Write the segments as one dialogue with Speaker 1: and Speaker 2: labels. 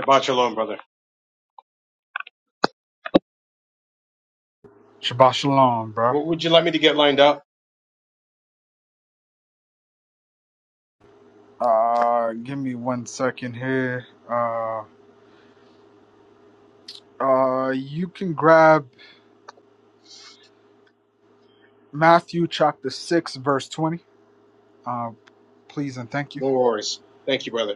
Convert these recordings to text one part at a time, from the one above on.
Speaker 1: Shabbat shalom, brother.
Speaker 2: Shabbat shalom, bro.
Speaker 1: What would you like me to get lined up?
Speaker 2: Uh, give me one second here. Uh, uh, you can grab Matthew chapter 6, verse 20. Uh, please and thank you.
Speaker 1: No worries. Thank you, brother.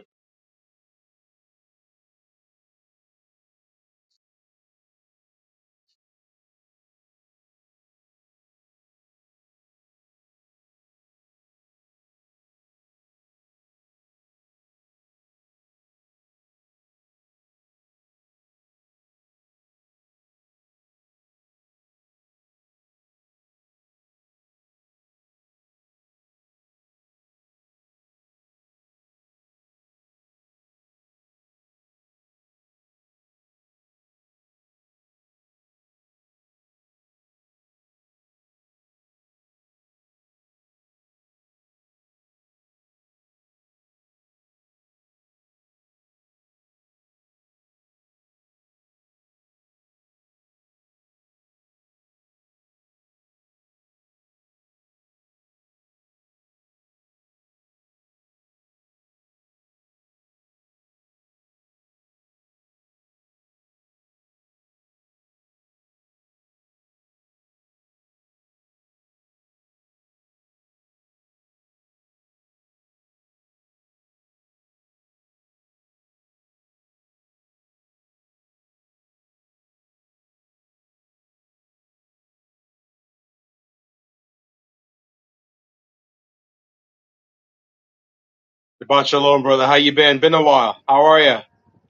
Speaker 1: Shabbat shalom, brother. How you been? Been a while. How are you?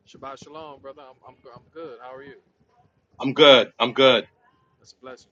Speaker 3: Shabbat shalom, brother. I'm, I'm, I'm good. How are you?
Speaker 1: I'm good. I'm good.
Speaker 3: It's a blessing.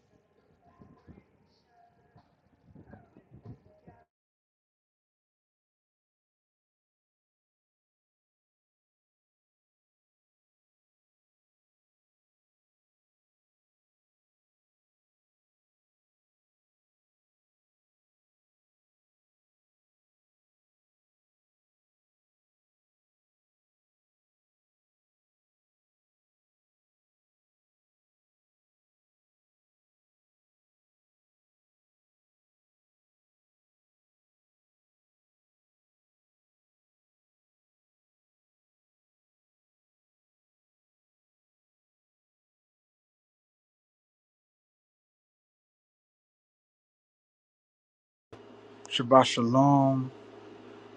Speaker 2: Shabbat shalom,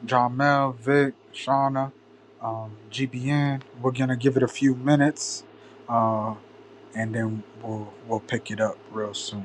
Speaker 2: Jamel, Vic, Shauna, um, GBN. We're going to give it a few minutes, uh, and then we'll, we'll pick it up real soon.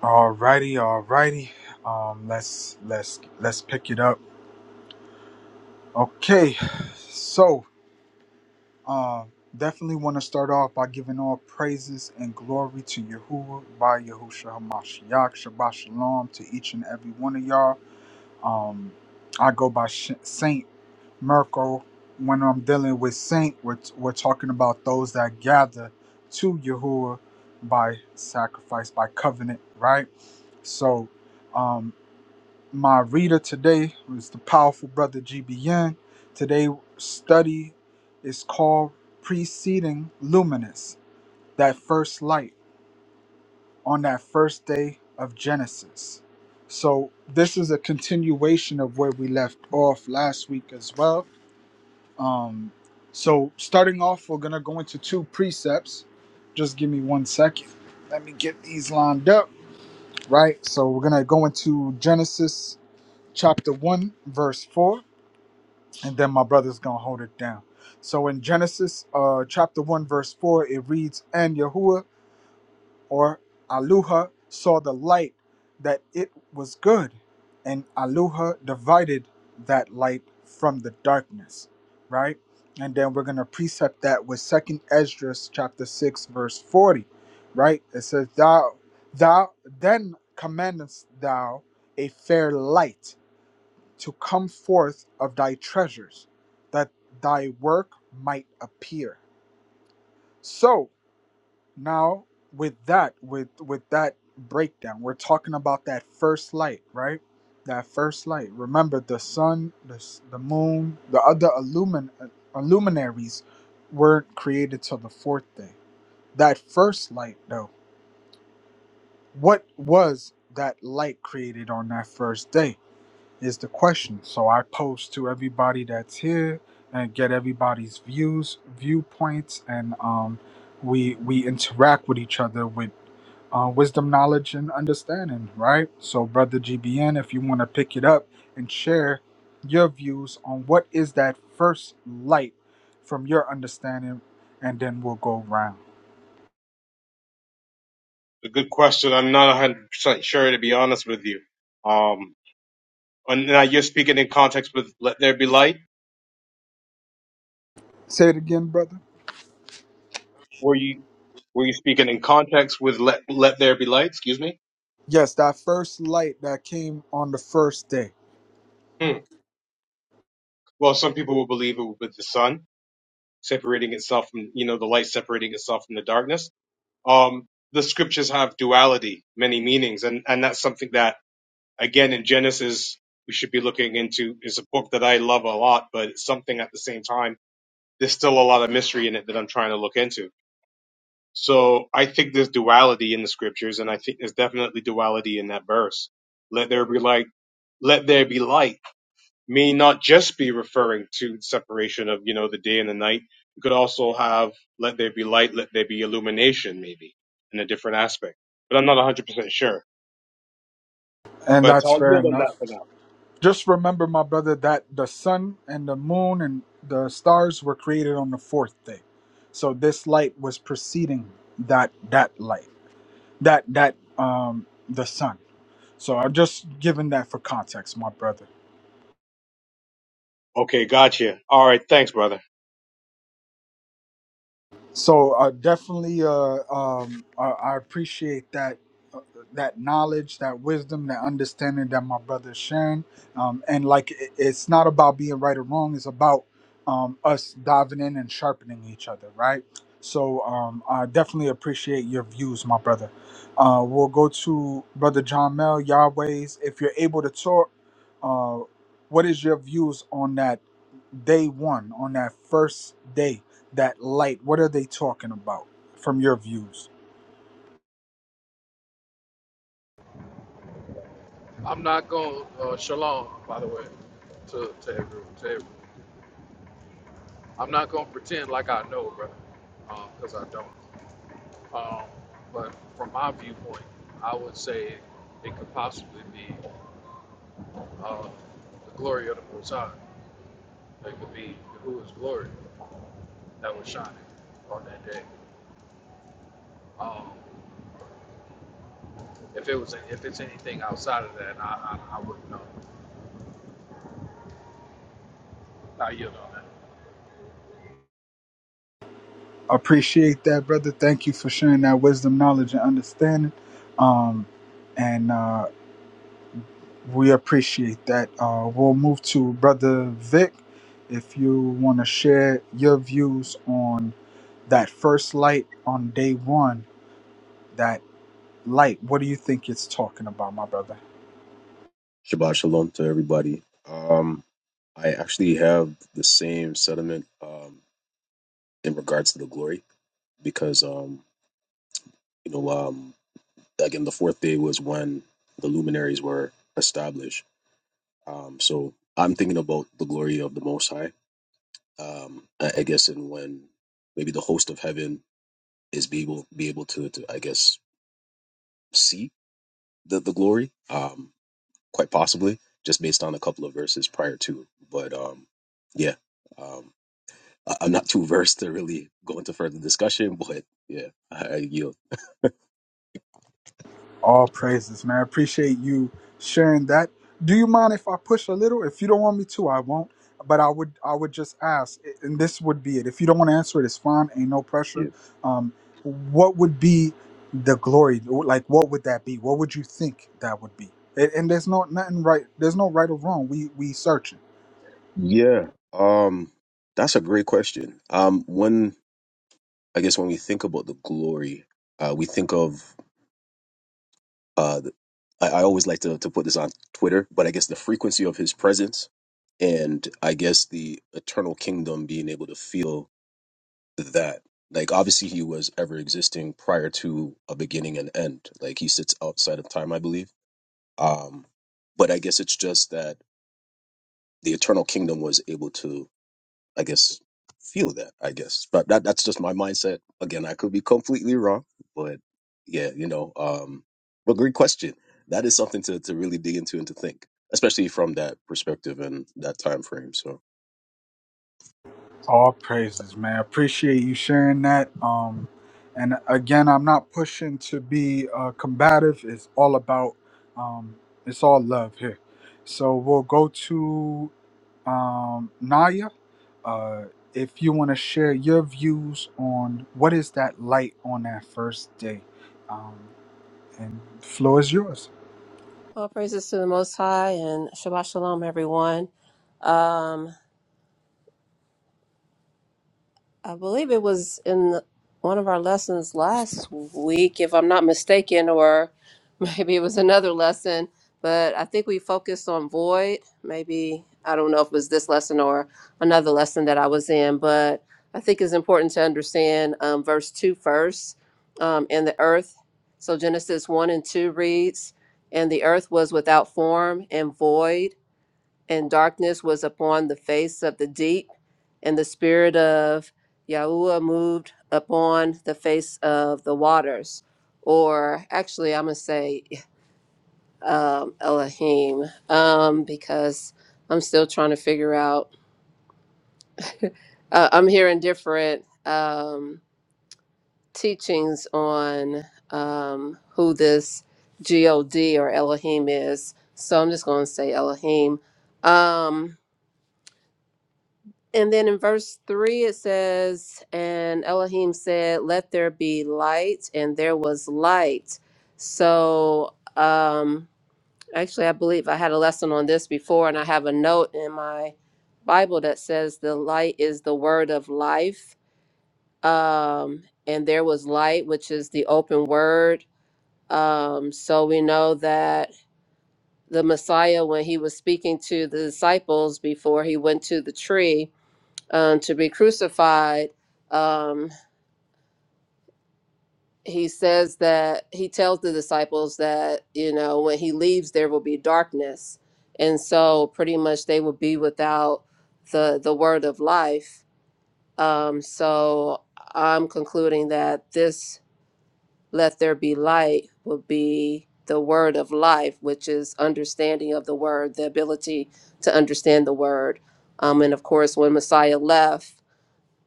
Speaker 2: Alrighty, alrighty. Um, let's, let's, let's pick it up. Okay, so, Um, definitely want to start off by giving all praises and glory to Yahuwah by Yahusha Hamashiach. Shabbat Shalom to each and every one of y'all. Um, I go by Sh- Saint Mirko When I'm dealing with Saint, we're, we're talking about those that gather to Yahuwah by sacrifice, by covenant, right? So, um, my reader today was the powerful brother GBN. Today study is called Preceding Luminous, that first light on that first day of Genesis. So this is a continuation of where we left off last week as well. Um, so starting off, we're gonna go into two precepts. Just give me one second. Let me get these lined up. Right. So we're gonna go into Genesis chapter one, verse four and then my brother's gonna hold it down. So in Genesis uh, chapter one verse four, it reads, "And Yahuwah or Aluha saw the light that it was good, and Aluha divided that light from the darkness." Right, and then we're gonna precept that with Second Esdras chapter six verse forty. Right, it says, "Thou, thou then commandest thou a fair light." to come forth of thy treasures, that thy work might appear. So now with that, with with that breakdown, we're talking about that first light, right? That first light. Remember the sun, the, s- the moon, the other illumin, uh, luminaries weren't created till the fourth day. That first light, though, what was that light created on that first day? is the question. So I post to everybody that's here and get everybody's views, viewpoints, and um, we we interact with each other with uh, wisdom, knowledge, and understanding. Right. So, brother GBN, if you want to pick it up and share your views on what is that first light from your understanding, and then we'll go round.
Speaker 1: A good question. I'm not 100% sure, to be honest with you. Um, and now you're speaking in context with "Let there be light."
Speaker 2: Say it again, brother.
Speaker 1: Were you were you speaking in context with "Let Let there be light"? Excuse me.
Speaker 2: Yes, that first light that came on the first day.
Speaker 1: Hmm. Well, some people will believe it with the sun separating itself from you know the light separating itself from the darkness. Um, the scriptures have duality, many meanings, and and that's something that again in Genesis, we should be looking into. It's a book that I love a lot, but it's something at the same time. There's still a lot of mystery in it that I'm trying to look into. So I think there's duality in the scriptures, and I think there's definitely duality in that verse. Let there be light. Let there be light may not just be referring to separation of you know the day and the night. You could also have let there be light, let there be illumination, maybe in a different aspect. But I'm not 100% sure.
Speaker 2: And
Speaker 1: But
Speaker 2: that's
Speaker 1: I'll
Speaker 2: fair
Speaker 1: yield on
Speaker 2: enough.
Speaker 1: that for now.
Speaker 2: Just remember, my brother, that the sun and the moon and the stars were created on the fourth day. So this light was preceding that that light, that that um the sun. So I'm just giving that for context, my brother.
Speaker 1: Okay, gotcha. All right, thanks, brother.
Speaker 2: So uh, definitely, uh, um, I, I appreciate that uh, that knowledge, that wisdom, that understanding that my brother is sharing. Um, and like, it, it's not about being right or wrong. It's about um, us diving in and sharpening each other, right? So um, I definitely appreciate your views, my brother. Uh, we'll go to brother John Mel Yahweh's. If you're able to talk, uh, what is your views on that day one, on that first day? that light what are they talking about from your views
Speaker 3: I'm not going, to, uh, shalom, by the way, to, to everyone. To everyone. I'm not going to pretend like I know, brother, because I don't. Um, but from my viewpoint, I would say it could possibly be uh, the glory of the Most High. It could be Yahuwah's glory that was shining on that day. Um, if it was, if it's anything outside of that, I, I, I wouldn't know. I yield on that.
Speaker 2: appreciate that brother thank you for sharing that wisdom knowledge and understanding um and uh we appreciate that uh we'll move to brother vic if you want to share your views on that first light on day one that light what do you think it's talking about my brother
Speaker 4: Shabbat shalom to everybody. Um, I actually have the same sentiment um, in regards to the glory because, um, you know, um, again, the fourth day was when the luminaries were established. Um, so I'm thinking about the glory of the Most High. Um, I, I guess, and when maybe the host of heaven is be able be able to, to I guess, see the the glory, um, quite possibly, just based on a couple of verses prior to. But um, yeah. Um, I- I'm not too versed to really go into further discussion, but yeah, I, I yield.
Speaker 2: All praises, man. I appreciate you sharing that. Do you mind if I push a little? If you don't want me to, I won't. But I would, I would just ask, and this would be it. If you don't want to answer it, it's fine. Ain't no pressure.
Speaker 4: Yeah.
Speaker 2: Um, what would be the glory? Like, what would that be? What would you think that would be? And, and there's no nothing right. There's no right or wrong. We we searching.
Speaker 4: Yeah. Um, that's a great question. Um, when I guess when we think about the glory, uh, we think of Uh, th- I, I always like to, to put this on Twitter, but I guess the frequency of his presence and I guess the eternal kingdom being able to feel that. Like, obviously, he was ever existing prior to a beginning and end. Like, he sits outside of time, I believe. Um, but I guess it's just that the eternal kingdom was able to. I guess, feel that, I guess. But that, that's just my mindset. Again, I could be completely wrong, but yeah, you know, um, but great question. That is something to, to really dig into and to think, especially from that perspective and that time frame. So,
Speaker 2: All praises, man. Appreciate you sharing that. Um, and again, I'm not pushing to be uh, combative. It's all about, um, it's all love here. So we'll go to um, Naya. Uh, if you want to share your views on what is that light on that first day, um, and floor is yours.
Speaker 5: All praises to the Most High and Shabbat Shalom, everyone. Um, I believe it was in the- one of our lessons last week, if I'm not mistaken, or maybe it was another lesson, but I think we focused on void. Maybe, I don't know if it was this lesson or another lesson that I was in, but I think it's important to understand um, verse 2 first, first um, in the earth. So Genesis 1 and 2 reads, And the earth was without form and void and darkness was upon the face of the deep, and the spirit of Yahuwah moved upon the face of the waters. Or actually, I'm going to say um, Elohim um, because I'm still trying to figure out. Uh, I'm hearing different um, teachings on um, who this God or Elohim is. So I'm just going to say Elohim. Um, And then in verse 3, it says, And Elohim said, Let there be light, and there was light. So, um, actually, I believe I had a lesson on this before, and I have a note in my Bible that says, The light is the word of life. Um, and there was light, which is the open word. Um, so we know that the Messiah, when he was speaking to the disciples before he went to the tree, um, to be crucified, um, he says that he tells the disciples that, you know, when he leaves, there will be darkness. And so pretty much they will be without the, the word of life. Um, so I'm concluding that this let there be light will be the word of life, which is understanding of the word, the ability to understand the word. Um, and of course, when Messiah left,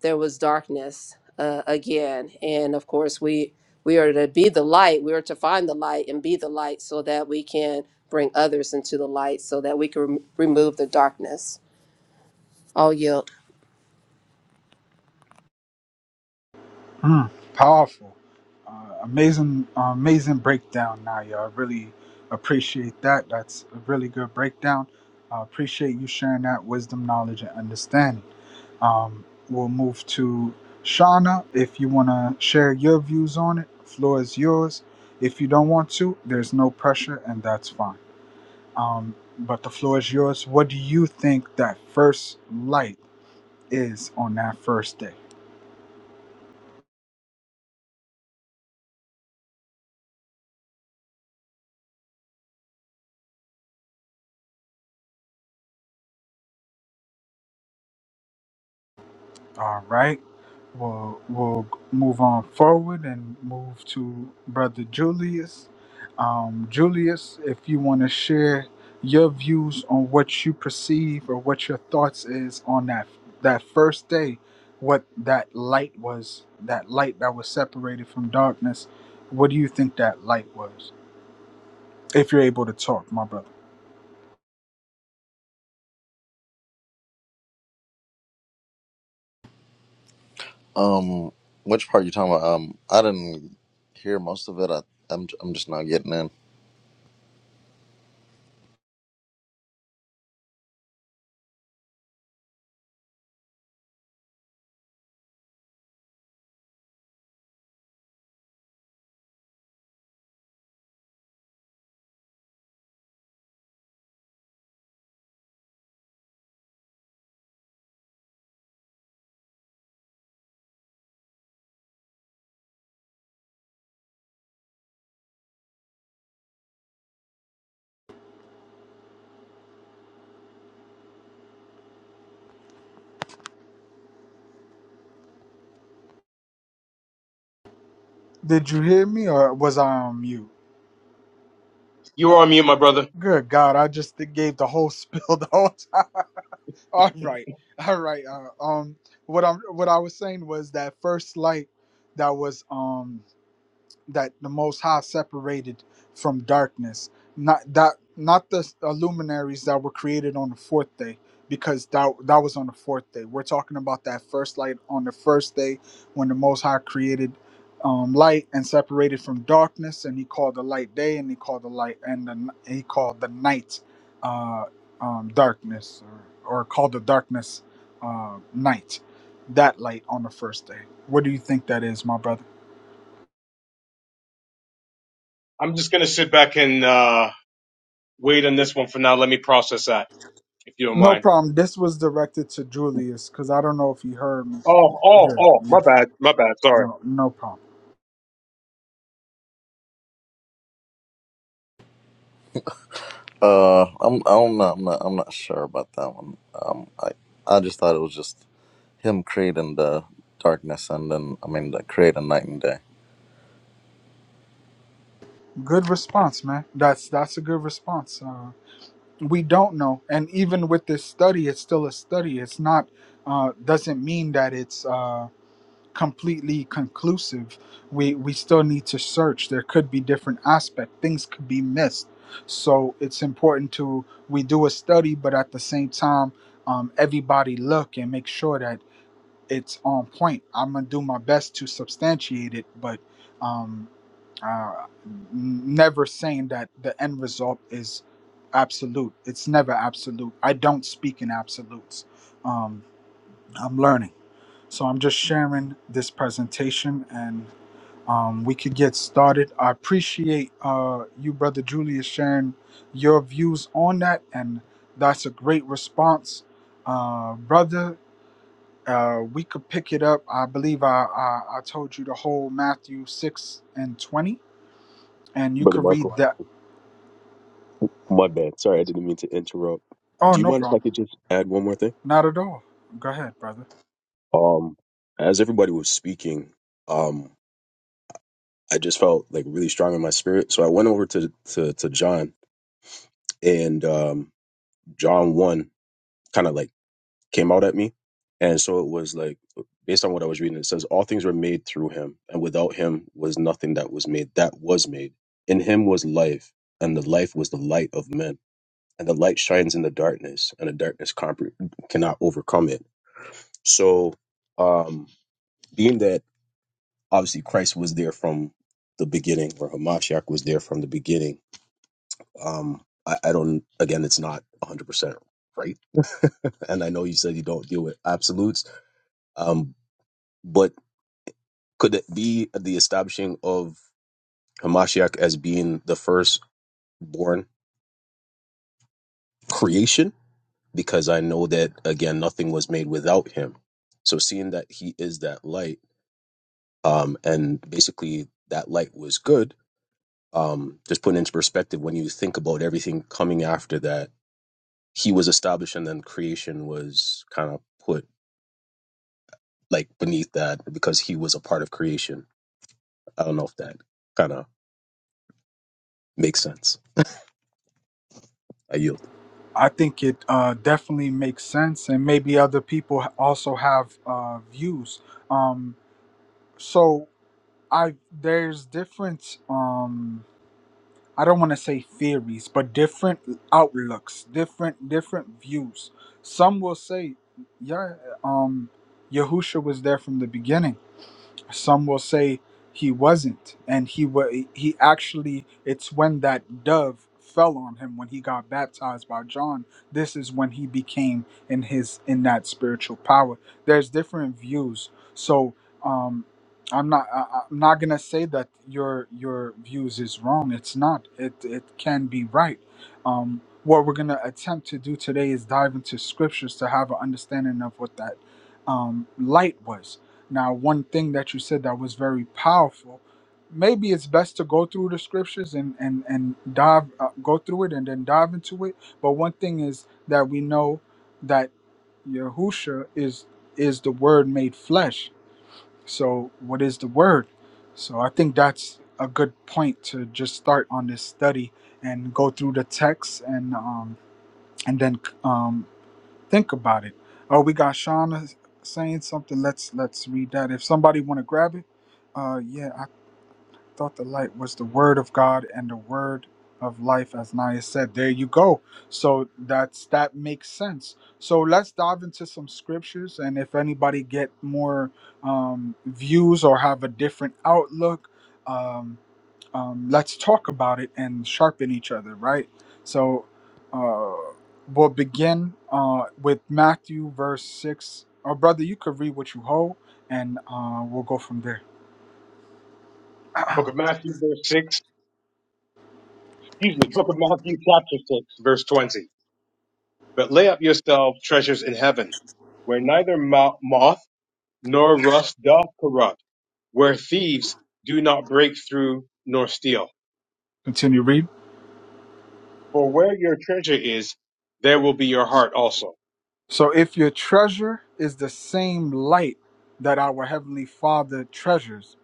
Speaker 5: there was darkness uh, again and of course we we are to be the light we are to find the light and be the light so that we can bring others into the light so that we can rem- remove the darkness all yield
Speaker 2: Mm, powerful. Uh, amazing, uh, amazing breakdown, Naya. I really appreciate that. That's a really good breakdown. I appreciate you sharing that wisdom, knowledge, and understanding. Um, we'll move to Shauna. If you want to share your views on it, floor is yours. If you don't want to, there's no pressure, and that's fine. Um, but the floor is yours. What do you think that first light? is on that first day. All right. We'll, we'll move on forward and move to Brother Julius. Um, Julius, if you want to share your views on what you perceive or what your thoughts is on that that first day, what that light was, that light that was separated from darkness, what do you think that light was? If you're able to talk, my brother.
Speaker 6: Um, which part you talking about? Um, I didn't hear most of it. I, I'm, I'm just not getting in.
Speaker 2: Did you hear me or was I on mute?
Speaker 1: You're on mute, my brother.
Speaker 2: Good God, I just gave the whole spiel the whole time. All right, all right. Uh, um, what I'm what I was saying was that first light that was um that the Most High separated from darkness, not that not the uh, luminaries that were created on the fourth day, because that that was on the fourth day. We're talking about that first light on the first day when the Most High created um, light and separated from darkness, and He called the light day, and He called the light and the, n- He called the night uh, um, darkness, or, or called the darkness uh, night. That light on the first day. What do you think that is, my brother?
Speaker 1: I'm just gonna sit back and uh, wait on this one for now. Let me process that, if you don't
Speaker 2: No
Speaker 1: mind.
Speaker 2: problem. This was directed to Julius because I don't know if he heard me.
Speaker 1: Oh, oh,
Speaker 2: Yeah,
Speaker 1: oh,
Speaker 2: yeah.
Speaker 1: my bad, my bad. Sorry.
Speaker 2: No, no problem.
Speaker 6: Uh, I'm, I'm not, I'm not, I'm not sure about that one. Um, I, I just thought it was just him creating the darkness and then, I mean, the creating night and day.
Speaker 2: Good response, man. That's that's a good response. Uh, we don't know, and even with this study, it's still a study. It's not uh, doesn't mean that it's uh, completely conclusive. We we still need to search. There could be different aspect. Things could be missed. So it's important to we do a study, but at the same time, um, everybody look and make sure that it's on point. I'm gonna do my best to substantiate it, but um, uh, never saying that the end result is absolute. It's never absolute. I don't speak in absolutes. Um, I'm learning, so I'm just sharing this presentation, and um, we could get started. I appreciate uh, you, brother Julius, sharing your views on that, and that's a great response, uh, brother uh, we could pick it up. I believe I, I I told you the whole Matthew six and twenty, and you
Speaker 4: Brother
Speaker 2: could read
Speaker 4: Michael,
Speaker 2: that.
Speaker 4: my bad. Sorry, I didn't mean to interrupt.
Speaker 2: Oh,
Speaker 4: Do you
Speaker 2: no
Speaker 4: mind if I
Speaker 2: problem.
Speaker 4: could just add one more thing?
Speaker 2: Not at all. Go ahead, brother.
Speaker 4: Um, as everybody was speaking, um, I just felt like really strong in my spirit. So I went over to to, to John and um, John one kind of like came out at me. And so it was like, based on what I was reading, it says, All things were made through him, and without him was nothing that was made that was made. In him was life, and the life was the light of men. And the light shines in the darkness, and the darkness compre- cannot overcome it. So, um, being that obviously Christ was there from the beginning, or Hamashiach was there from the beginning, um, I, I don't, again, it's not 100% right. and I know you said you don't deal with absolutes, um, But could it be the establishing of Hamashiach as being the firstborn creation? Because I know that again, nothing was made without him. So seeing that he is that light, um, and basically that light was good. Um, just put into perspective when you think about everything coming after that, he was established, and then creation was kind of put like beneath that because he was a part of creation. I don't know if that kind of makes sense. I yield.
Speaker 2: I think it uh, definitely makes sense, and maybe other people also have uh, views. Um, so I there's different. Um, I don't want to say theories, but different outlooks, different different views. Some will say, yeah, um, Yahusha was there from the beginning some will say he wasn't and he wa he actually it's when that dove fell on him when he got baptized by John this is when he became in his in that spiritual power there's different views so um I'm not I, I- I'm not going to say that your your views is wrong it's not it it can be right um what we're going to attempt to do today is dive into scriptures to have an understanding of what that um, light was now, one thing that you said that was very powerful, maybe it's best to go through the scriptures and and and dive uh, go through it and then dive into it. But one thing is that we know that Yahusha is is the Word made flesh. So, what is the Word? So, I think that's a good point to just start on this study and go through the text and um and then um Think about it. Oh, we got Shauna saying something. Let's let's read that. If somebody want to grab it, uh, yeah, I thought the light was the word of God and the word of life, as Naya said. There you go. So that's that makes sense. So let's dive into some scriptures, and if anybody get more um, views or have a different outlook. Um, um, let's talk about it and sharpen each other, right? So uh, we'll begin uh, with Matthew verse 6. Oh, brother, you could read what you hold, and uh, we'll go from there.
Speaker 1: Book of Matthew, verse six. Excuse me. Book of Matthew, chapter six, verse twenty. But lay up yourself treasures in heaven, where neither mo- moth nor rust doth corrupt, where thieves do not break through nor steal.
Speaker 2: Continue read.
Speaker 1: For where your treasure is, there will be your heart also.
Speaker 2: So if your treasure is the same light that our Heavenly Father treasures,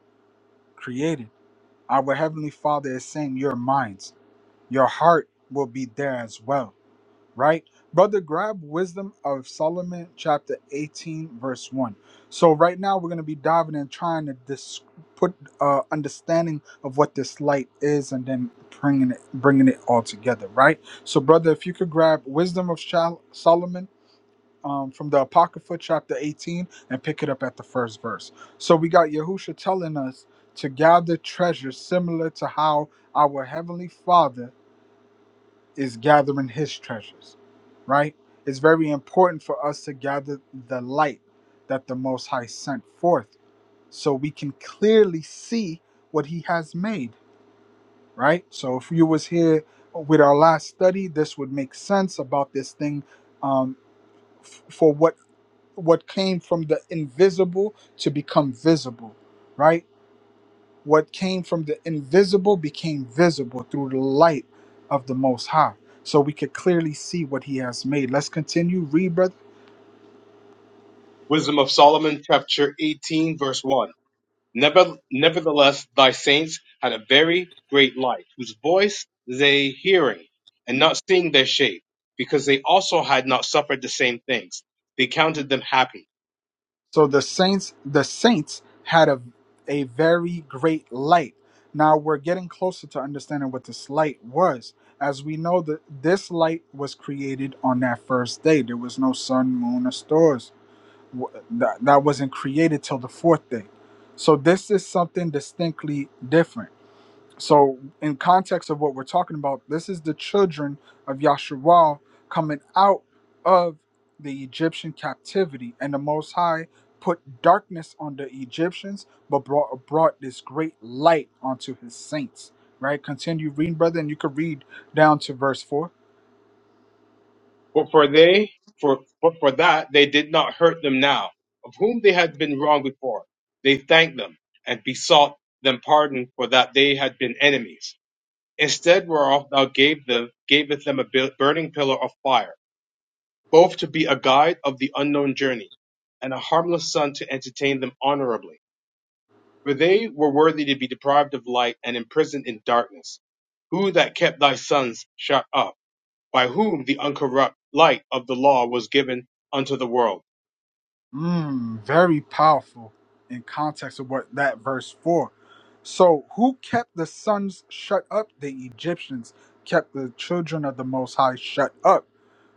Speaker 2: created, our Heavenly Father is saying your minds, your heart will be there as well right? Brother, grab Wisdom of Solomon, chapter 18, verse 1. So, right now, we're going to be diving and trying to dis- put uh, understanding of what this light is and then bringing it, bringing it all together, right? So, brother, if you could grab Wisdom of Shal- Solomon um, from the Apocrypha, chapter 18, and pick it up at the first verse. So, we got Yahusha telling us to gather treasures similar to how our Heavenly Father is gathering his treasures, right? It's very important for us to gather the light that the Most High sent forth so we can clearly see what he has made, right? So if you was here with our last study, this would make sense about this thing um, f- for what what came from the invisible to become visible, right? What came from the invisible became visible through the light of the Most High. So we could clearly see what he has made. Let's continue, read, brother.
Speaker 1: Wisdom of Solomon, chapter 18, verse 1. Never, nevertheless, thy saints had a very great light, whose voice they hearing, and not seeing their shape, because they also had not suffered the same things. They counted them happy.
Speaker 2: So the saints, the saints had a a very great light. Now we're getting closer to understanding what this light was. As we know that this light was created on that first day. There was no sun, moon, or stars. W- That, that wasn't created till the fourth day. So this is something distinctly different So, in context of what we're talking about, this is the children of Yahshua coming out of the Egyptian captivity, and the Most High put darkness on the Egyptians, but brought brought this great light onto His saints. Right? Continue reading, brother, and you could read down to verse four.
Speaker 1: But for they, for but for that they did not hurt them now, of whom they had been wrong before. They thanked them and besought them pardon for that they had been enemies. Instead whereof thou gave them, gavest them a burning pillar of fire both to be a guide of the unknown journey, and a harmless son to entertain them honorably. For they were worthy to be deprived of light and imprisoned in darkness. Who that kept thy sons shut up, by whom the uncorrupt light of the law was given unto the world.
Speaker 2: Mmm, very powerful in context of what that verse four. So, who kept the sons shut up? The Egyptians kept the children of the Most High shut up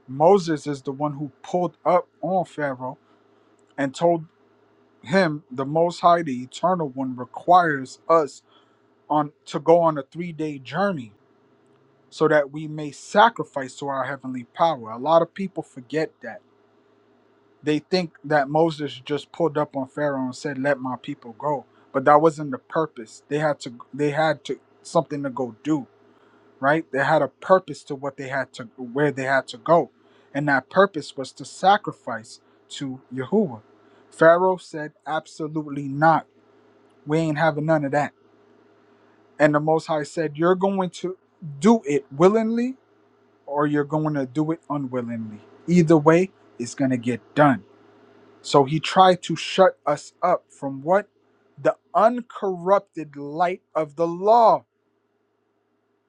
Speaker 2: Moses is the one who pulled up on Pharaoh and told him the Most High, the Eternal One, requires us on to go on a three-day journey so that we may sacrifice to our heavenly power. A lot of people forget that. They think that Moses just pulled up on Pharaoh and said, "Let my people go," but that wasn't the purpose. They had to. They had to something to go do. right? They had a purpose to what they had to where they had to go, and that purpose was to sacrifice to Yahuwah. Pharaoh said, "Absolutely not. We ain't having none of that." And the Most High said, "You're going to do it willingly, or you're going to do it unwillingly. Either way, it's going to get done." So he tried to shut us up from what the uncorrupted light of the law.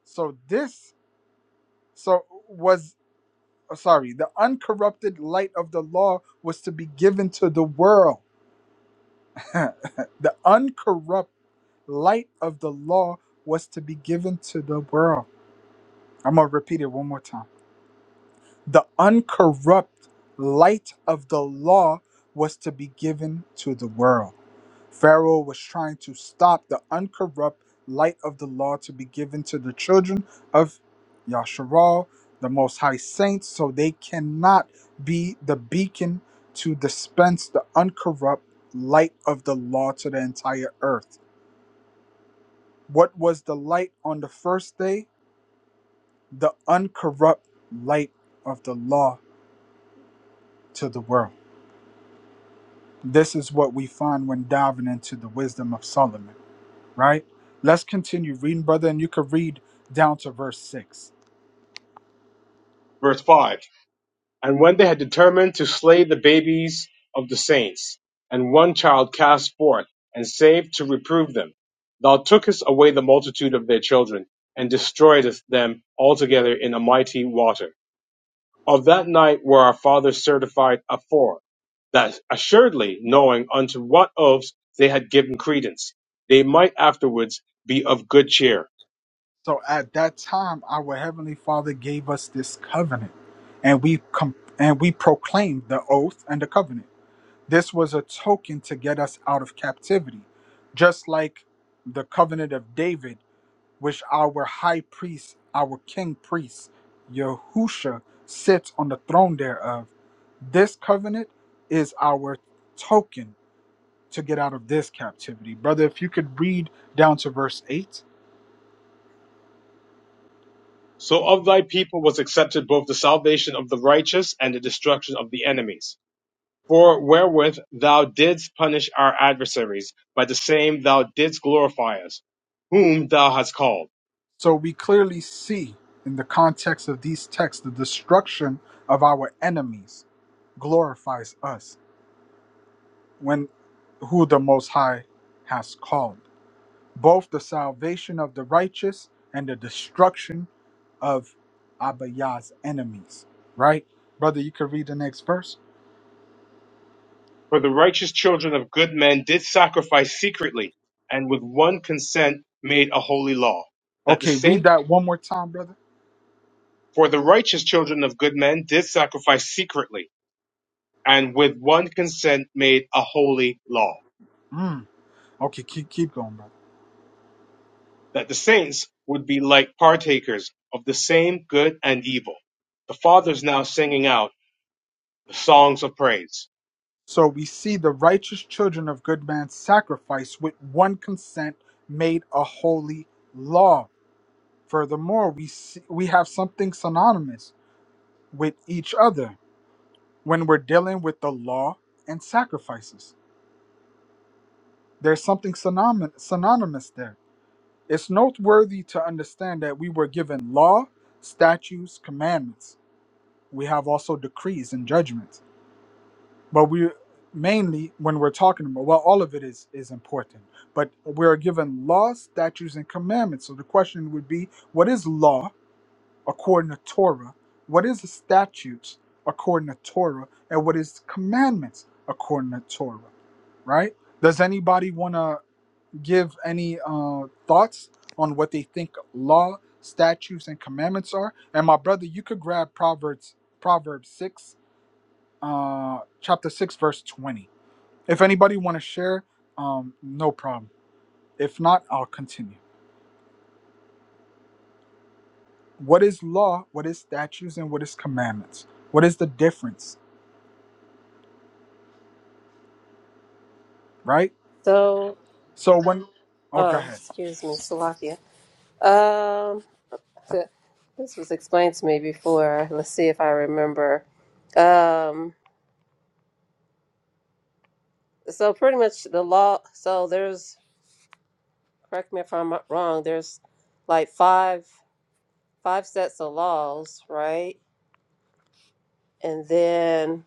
Speaker 2: So this so was oh, sorry, the uncorrupted light of the law was to be given to the world. the uncorrupt light of the law was to be given to the world. I'm going to repeat it one more time. The uncorrupt light of the law was to be given to the world. Pharaoh was trying to stop the uncorrupt light of the law to be given to the children of Yasharal, the Most High Saints, so they cannot be the beacon to dispense the uncorrupt light of the law to the entire earth. What was the light on the first day? The uncorrupt light of the law to the world. This is what we find when diving into the wisdom of Solomon. right? Let's continue reading, brother, and you could read down to verse 6.
Speaker 1: Verse 5 And when they had determined to slay the babies of the saints, and one child cast forth, and saved to reprove them, thou tookest away the multitude of their children, and destroyedst them altogether in a mighty water. Of that night were our fathers certified afore, that assuredly knowing unto what oaths they had given credence, they might afterwards be of good cheer.
Speaker 2: So at that time, our heavenly Father gave us this covenant, and we com- and we proclaimed the oath and the covenant. This was a token to get us out of captivity, just like the covenant of David. which our high priest, our king priest, Yahusha, sits on the throne thereof. This covenant is our token to get out of this captivity. Brother, if you could read down to verse 8.
Speaker 1: So of thy people was accepted both the salvation of the righteous and the destruction of the enemies. For wherewith thou didst punish our adversaries, by the same thou didst glorify us, whom thou hast called.
Speaker 2: So we clearly see in the context of these texts the destruction of our enemies glorifies us when who the most high has called both the salvation of the righteous and the destruction of Abiyah's enemies. Right? Brother, you can read the next verse.
Speaker 1: For the righteous children of good men did sacrifice secretly, and with one consent made a holy law. That the
Speaker 2: Okay, read
Speaker 1: same,
Speaker 2: that one more time, brother.
Speaker 1: for the righteous children of good men did sacrifice secretly, and with one consent made a holy law.
Speaker 2: Mm. Okay, keep keep going, brother.
Speaker 1: That the saints would be like partakers of the same good and evil. The Father's now singing out the songs of praise
Speaker 2: So we see the righteous children of good man's sacrifice with one consent made a holy law. Furthermore, we see, we have something synonymous with each other when we're dealing with the law and sacrifices. There's something synonymous synonymous there It's noteworthy to understand that we were given law, statutes, commandments. We have also decrees and judgments. But we mainly when we're talking about well, all of it is is important. But we're given law, statutes, and commandments. So the question would be, what is law according to Torah? What is the statutes according to Torah? And what is commandments according to Torah? Right? Does anybody wanna give any uh, thoughts on what they think law, statutes, and commandments are. And my brother, you could grab Proverbs, Proverbs six, uh, chapter six, verse twenty. If anybody want to share, um, no problem. If not, I'll continue. What is law? What is statutes? And what is commandments? What is the difference? Right.
Speaker 5: so
Speaker 2: So when, oh, go
Speaker 5: oh
Speaker 2: ahead.
Speaker 5: excuse me Salakia. um th- this was explained to me before let's see if i remember um so pretty much the law so there's correct me if i'm wrong there's like five five sets of laws right and then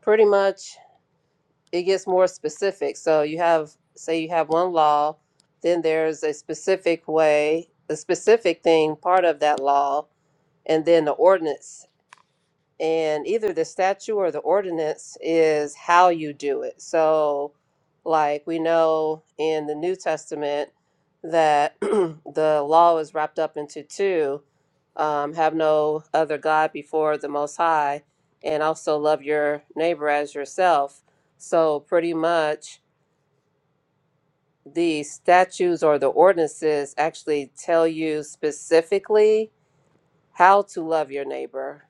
Speaker 5: pretty much it gets more specific. So you have, say, you have one law, then there's a specific way, a specific thing, part of that law, and then the ordinance and either the statute or the ordinance is how you do it. So, like we know in the New Testament that the law is wrapped up into two um, have no other God before the Most High, and also love your neighbor as yourself. So, pretty much the statutes or the ordinances actually tell you specifically how to love your neighbor.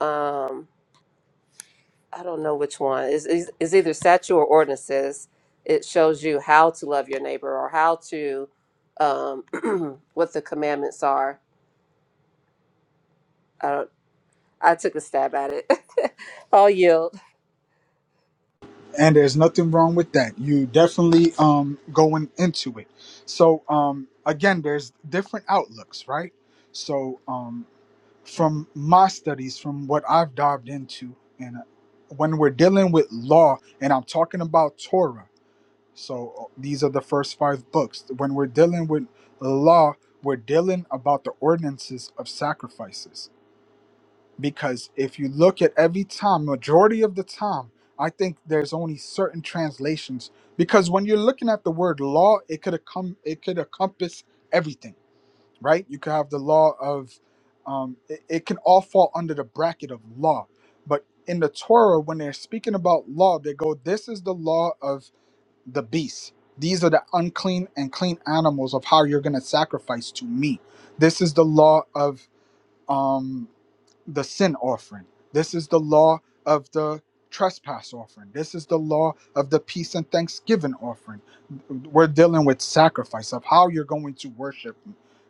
Speaker 5: Um, I don't know which one. Is is is either statute or ordinances. It shows you how to love your neighbor or how to um what the commandments are. I don't I took a stab at it. I'll yield.
Speaker 2: and there's nothing wrong with that you definitely um going into it so um again there's different outlooks right so um from my studies from what i've dived into and uh, when we're dealing with law and i'm talking about torah so uh, these are the first five books when we're dealing with law we're dealing about the ordinances of sacrifices because if you look at every time majority of the time i think there's only certain translations because when you're looking at the word law it could come it could encompass everything right you could have the law of um, it, it can all fall under the bracket of law but in the torah when they're speaking about law they go this is the law of the beasts. these are the unclean and clean animals of how you're going to sacrifice to me this is the law of um the sin offering. This is the law of the trespass offering. This is the law of the peace and thanksgiving offering. We're dealing with sacrifice of how you're going to worship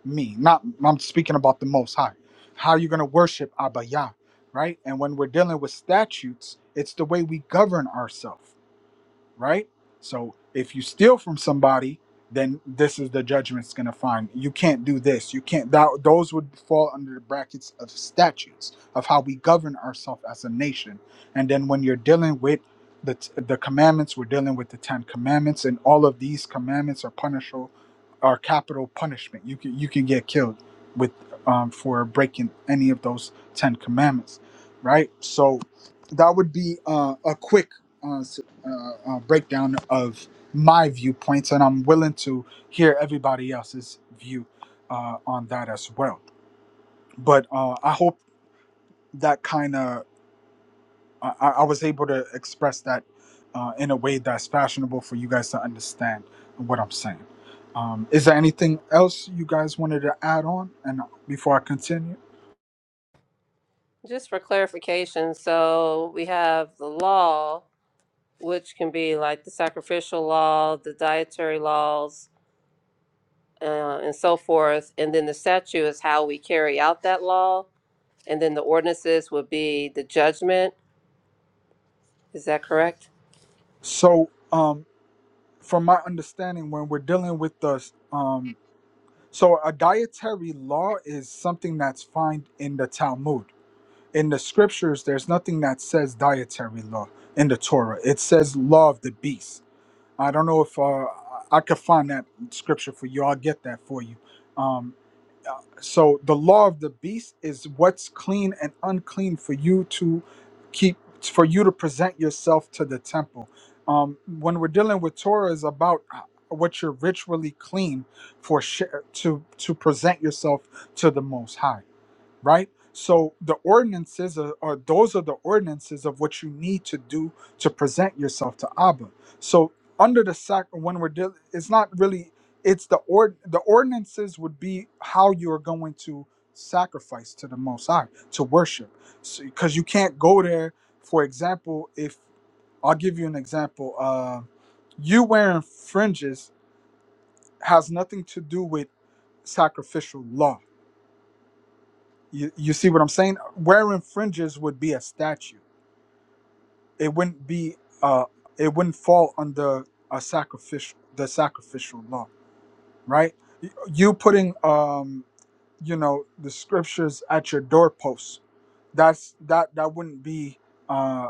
Speaker 2: me. Not I'm speaking about the most high. How you're going to worship Abba Yah, right? And when we're dealing with statutes, it's the way we govern ourselves right? So if you steal from somebody, then this is the judgment's going to find. You can't do this. You can't. That, those would fall under the brackets of statutes of how we govern ourselves as a nation. And then when you're dealing with the, t- the commandments, we're dealing with the Ten Commandments, and all of these commandments are punishable, are capital punishment. You can you can get killed with um, for breaking any of those Ten Commandments, right? So that would be uh, a quick uh, uh, uh, breakdown of my viewpoints, and I'm willing to hear everybody else's view uh, on that as well. But uh, I hope that kind of I, I I was able to express that uh, in a way that's fashionable for you guys to understand what I'm saying. Um, is there anything else you guys wanted to add on? And before I continue,
Speaker 5: Just for clarification, so we have the law, which can be like the sacrificial law, the dietary laws, uh, and so forth. And then the statute is how we carry out that law. And then the ordinances would be the judgment. Is that correct?
Speaker 2: so um, from my understanding, when we're dealing with the um, So a dietary law is something that's found in the Talmud. In the scriptures, there's nothing that says dietary law in the Torah. It says law of the beast. I don't know if uh, I I could find that scripture for you. I'll get that for you. Um, uh, so the law of the beast is what's clean and unclean for you to keep for you to present yourself to the temple um, when we're dealing with torah is about uh, what you're ritually clean for sh- to to present yourself to the most high right? So the ordinances are, are those are the ordinances of what you need to do to present yourself to Abba. So under the sac, when we're dealing, it's not really it's the ord the ordinances would be how you are going to sacrifice to the Most High to worship, So because you can't go there. For example, if I'll give you an example, uh, you wearing fringes has nothing to do with sacrificial law you, you see what I'm saying? Wearing fringes would be a statue. It wouldn't be uh it wouldn't fall under a sacrificial the sacrificial law, right? Y- You putting um you know the scriptures at your doorpost. That's that that wouldn't be uh,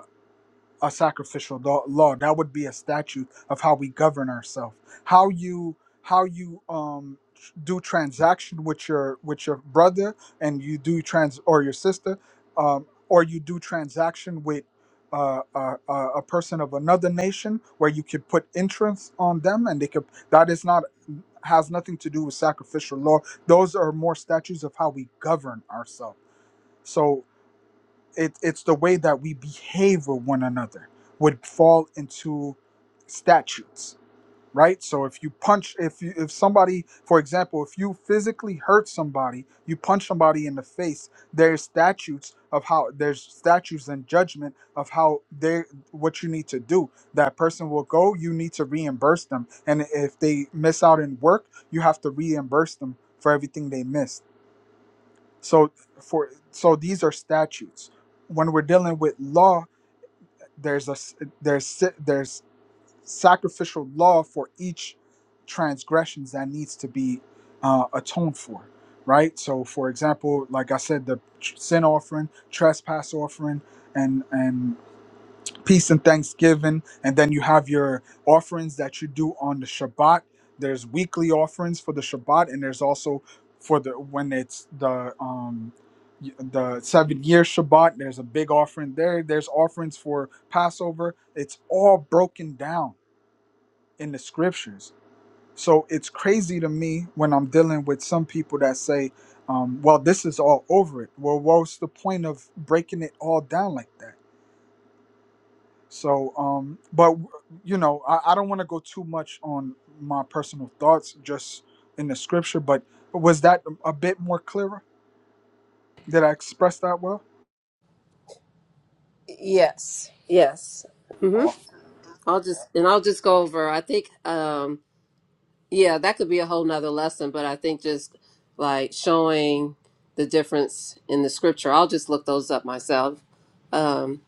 Speaker 2: a sacrificial law. law. That would be a statute of how we govern ourselves, how you how you um do transaction with your with your brother, and you do trans or your sister, um, or you do transaction with. Uh, uh, uh, a person of another nation where you could put interest on them and they could that is not has nothing to do with sacrificial law those are more statutes of how we govern ourselves so it, it's the way that we behave with one another would fall into statutes right so if you punch if you if somebody for example if you physically hurt somebody you punch somebody in the face there's statutes of how there's statutes and judgment of how they what you need to do that person will go you need to reimburse them and if they miss out in work you have to reimburse them for everything they missed so for so these are statutes. When we're dealing with law, there's a s- there's sa- there's sacrificial law for each transgressions that needs to be uh, atoned for, right? So for example, like I said, the tr- sin offering, trespass offering, and and peace and thanksgiving and then you have your offerings that you do on the shabbat there's weekly offerings for the shabbat and there's also for the when it's the um y- the seven year shabbat there's a big offering there there's offerings for passover it's all broken down in the scriptures so it's crazy to me when i'm dealing with some people that say um, well this is all over it well what's the point of breaking it all down like that so, um, but you know, I, I don't want to go too much on my personal thoughts just in the scripture, but was that a bit more clearer? Did I express that well?
Speaker 5: Yes. Yes. hmm
Speaker 2: All,
Speaker 5: I'll just and I'll just go over. I think um yeah, that could be a whole nother lesson, but I think just like showing the difference in the scripture. I'll just look those up myself. Um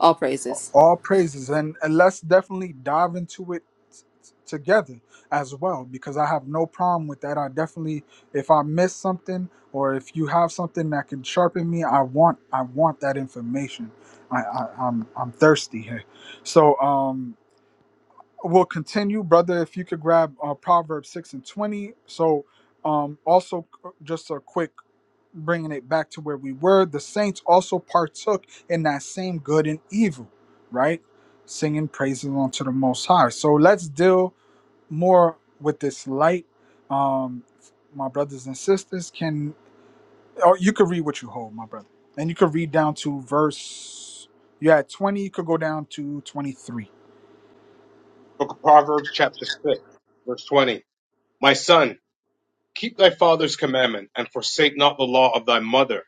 Speaker 5: all praises.
Speaker 2: all praises, and, and let's definitely dive into it t- t- together as well because I have no problem with that. I definitely, if I miss something or if you have something that can sharpen me, I want I want that information. I, I I'm I'm thirsty here. So, um, we'll continue, brother. If you could grab uh, Proverbs six and twenty. So, um, also c- just a quick bringing it back to where we were. The saints also partook in that same good and evil, right? Singing praises unto the Most High. So let's deal more with this light, um, my brothers and sisters. Can or you could read what you hold, my brother, and you could read down to verse. You had twenty. You could go down to twenty-three. You
Speaker 1: Book of Proverbs, chapter 6, verse 20. My son, keep thy father's commandment and forsake not the law of thy mother.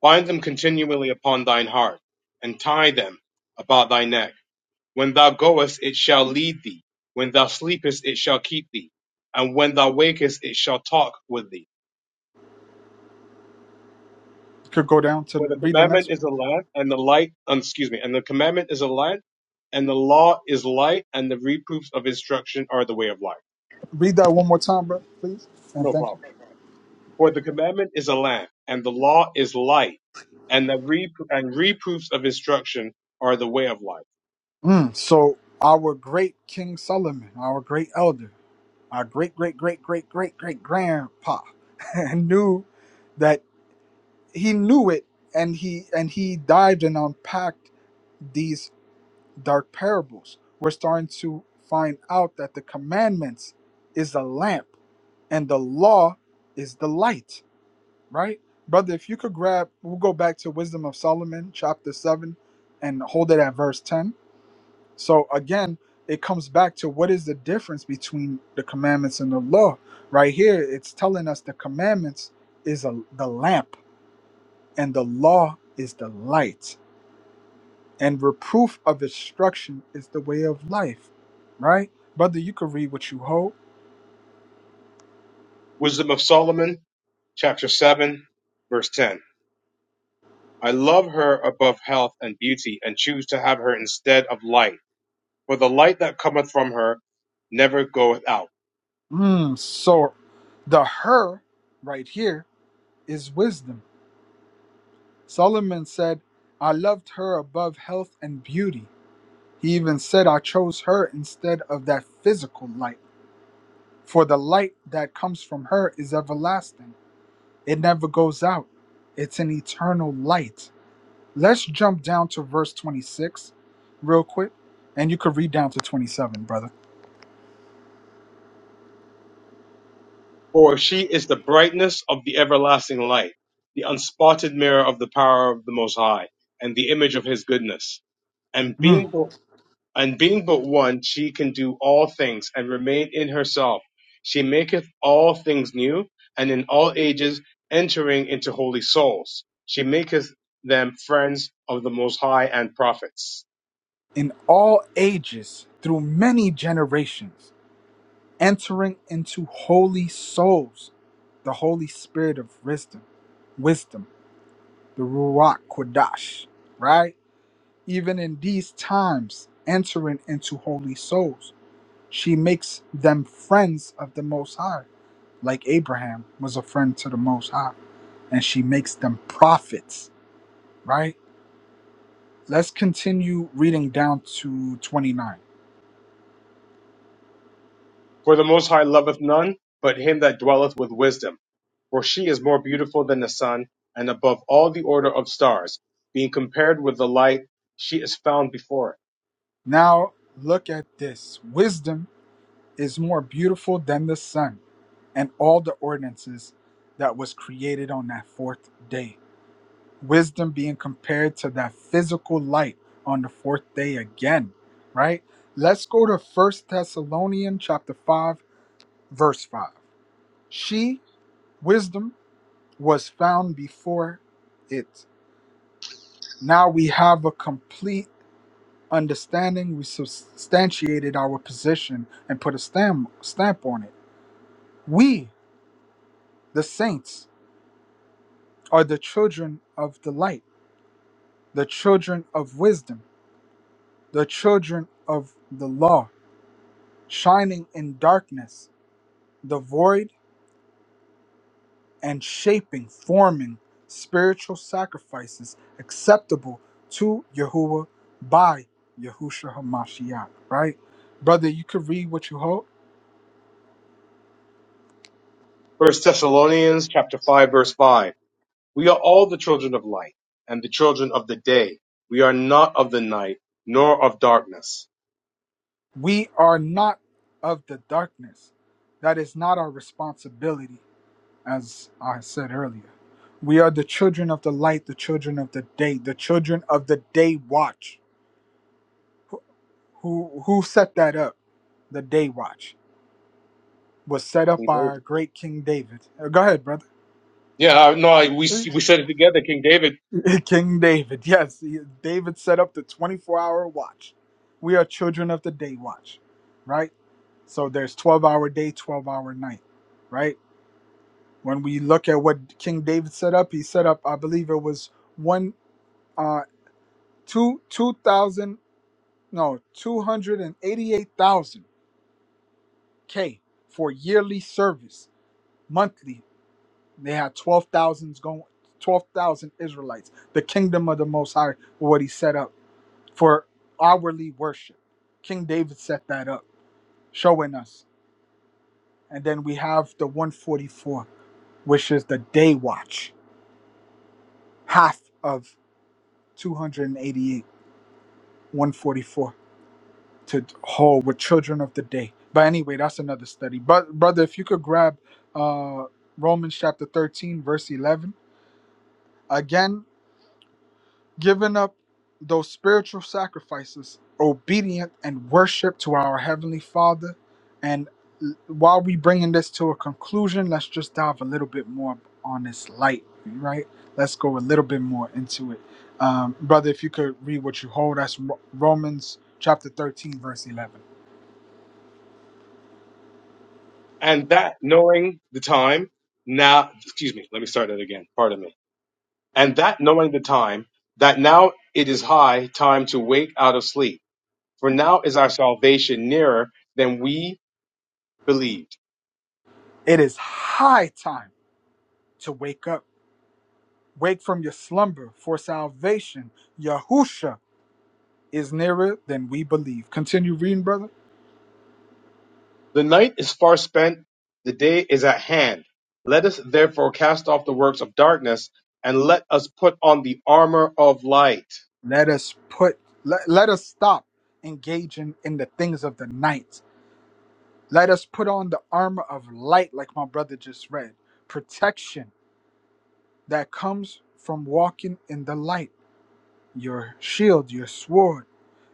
Speaker 1: Bind them continually upon thine heart and tie them about thy neck. When thou goest, it shall lead thee. When thou sleepest, it shall keep thee. And when thou wakest, it shall talk with thee.
Speaker 2: could go down to
Speaker 1: For the
Speaker 2: read the
Speaker 1: commandment
Speaker 2: next.
Speaker 1: is a lamp and the light, um, excuse me, and the commandment is a light and the law is light and the reproofs of instruction are the way of life.
Speaker 2: Read that one more time, bro, please. And
Speaker 1: No
Speaker 2: thank
Speaker 1: problem.
Speaker 2: you.
Speaker 1: For the commandment is a lamp, and the law is light, and the rep- and reproofs of instruction are the way of life.
Speaker 2: Mm, so our great King Solomon, our great elder, our great great great great great great grandpa and knew that he knew it and he and he dived and unpacked these dark parables. We're starting to find out that the commandments is a lamp and the law is the light, right? Brother, if you could grab we'll go back to Wisdom of Solomon chapter 7 and hold it at verse 10 So again, it comes back to what is the difference between the commandments and the law. Right here, it's telling us the commandments is a, the lamp and the law is the light. And reproof of instruction is the way of life. Right? Brother, you can read what you hold.
Speaker 1: Wisdom of Solomon, chapter seven, verse ten. I love her above health and beauty, and choose to have her instead of light. For the light that cometh from her never goeth out.
Speaker 2: Mm, so the her right here is wisdom. Solomon said, I loved her above health and beauty. He even said, I chose her instead of that physical light For the light that comes from her is everlasting, it never goes out. It's an eternal light. Let's jump down to verse 26 real quick, and you could read down to 27, brother.
Speaker 1: For she is the brightness of the everlasting light, the unspotted mirror of the power of the Most High, and the image of His goodness. And
Speaker 2: Mm.
Speaker 1: being and being but one, she can do all things and remain in herself. She maketh all things new, and in all ages entering into holy souls. She maketh them friends of the Most High and prophets.
Speaker 2: In all ages, through many generations, entering into holy souls, the Holy Spirit of wisdom, wisdom, the Ruach Kodash, right? Even in these times, entering into holy souls She makes them friends of the Most High, like Abraham was a friend to the Most High, and she makes them prophets, right? Let's continue reading down to 29.
Speaker 1: For the Most High loveth none but him that dwelleth with wisdom. For she is more beautiful than the sun, and above all the order of stars. Being compared with the light, she is found before it.
Speaker 2: Now, look at this wisdom is more beautiful than the sun and all the ordinances that was created on that fourth day. wisdom being compared to that physical light on the fourth day again right let's go to first thessalonians chapter 5 verse 5 she wisdom was found before it now we have a complete understanding we substantiated our position and put a stamp stamp on it we the saints are the children of the light the children of wisdom the children of the law shining in darkness, the void, and shaping, forming spiritual sacrifices acceptable to Yahuwah by Yahushua HaMashiach. Right? Brother, you could read what you hold.
Speaker 1: First Thessalonians chapter five verse five. We are all the children of light and the children of the day. We are not of the night nor of darkness.
Speaker 2: We are not of the darkness. That is not our responsibility, as I said earlier. We are the children of the light, the children of the day, the children of the day watch. Who who set that up? The day watch. was set up
Speaker 1: King
Speaker 2: by
Speaker 1: David.
Speaker 2: our great King David. Uh, Go ahead, brother.
Speaker 1: Yeah, I- no, I, we we said it together, King David,
Speaker 2: King David. Yes, he- David set up the 24 hour watch. We are children of the day watch, right? So there's 12 hour day, 12 hour night, right? When we look at what King David set up, he set up, I believe it was one, uh, two, 2,000, no, 288,000 K for yearly service, monthly They had 12,000 going 12,000 Israelites. The kingdom of the most high what he set up for hourly worship. King David set that up, showing us. And then we have the 144, which is the day watch, half of 288, 144 to hold with children of the day. But anyway, that's another study. But brother, if you could grab uh Romans chapter 13 verse 11. Again, giving up those spiritual sacrifices, obedient and worship to our Heavenly Father. And l- while we bringing this to a conclusion, let's just dive a little bit more on this light, right? Let's go a little bit more into it. Um, brother, if you could read what you hold, that's Ro- Romans chapter 13, verse 11.
Speaker 1: and that knowing the time now. Excuse me. Let me start that again. Pardon me. And that knowing the time that now it is high time to wake out of sleep, for now is our salvation nearer than we believed
Speaker 2: It is high time to wake up. Wake from your slumber for salvation. Yahusha is nearer than we believe. Continue reading, brother.
Speaker 1: The night is far spent, the day is at hand. Let us therefore cast off the works of darkness, and let us put on the armor of light.
Speaker 2: Let us put let, let us stop engaging in the things of the night. Let us put on the armor of light like my brother just read. Protection that comes from walking in the light. Your shield, your sword,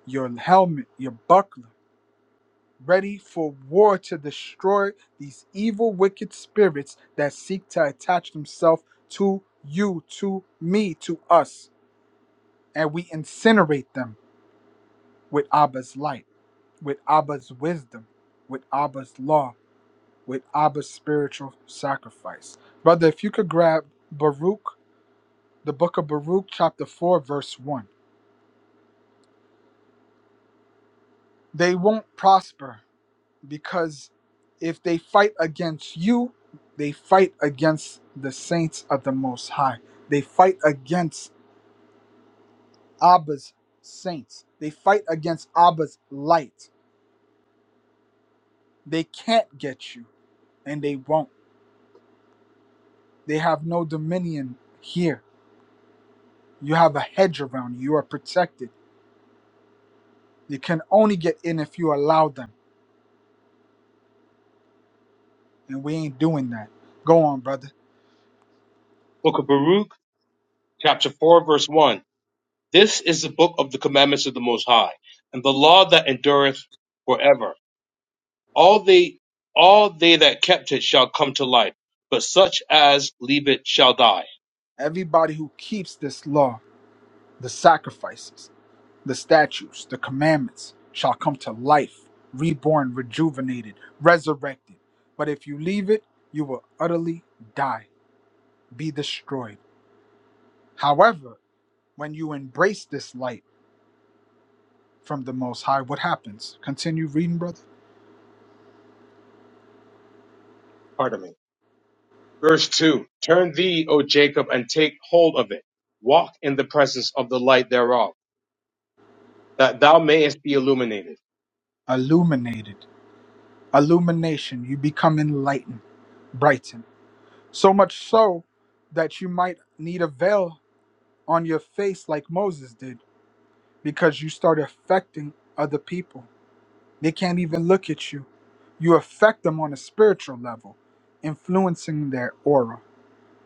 Speaker 2: your helmet, your buckler, ready for war to destroy these evil wicked spirits that seek to attach themselves to you, to me, to us, and we incinerate them with Abba's light, with Abba's wisdom, with Abba's law, with Abba's spiritual sacrifice. Brother, if you could grab Baruch, the book of Baruch, chapter 4, verse 1. They won't prosper because if they fight against you, they fight against the saints of the Most High. They fight against Abba's saints. They fight against Abba's light. They can't get you and they won't. They have no dominion here. You have a hedge around you. You are protected. They can only get in if you allow them. And we ain't doing that. Go on, brother.
Speaker 1: Book of Baruch, chapter 4, verse 1. This is the book of the commandments of the Most High, and the law that endureth forever. All they, all they that kept it shall come to life, but such as leave it shall die.
Speaker 2: Everybody who keeps this law, the sacrifices, the statutes, the commandments shall come to life, reborn, rejuvenated, resurrected. But if you leave it, you will utterly die, be destroyed. However, when you embrace this light from the Most High, what happens? Continue reading, brother
Speaker 1: Pardon me. Verse 2. Turn thee, O Jacob, and take hold of it. Walk in the presence of the light thereof that thou mayest be illuminated.
Speaker 2: illuminated. illumination. You become enlightened, brightened. So much so that you might need a veil on your face like Moses did because you start affecting other people. They can't even look at you. You affect them on a spiritual level, influencing their aura.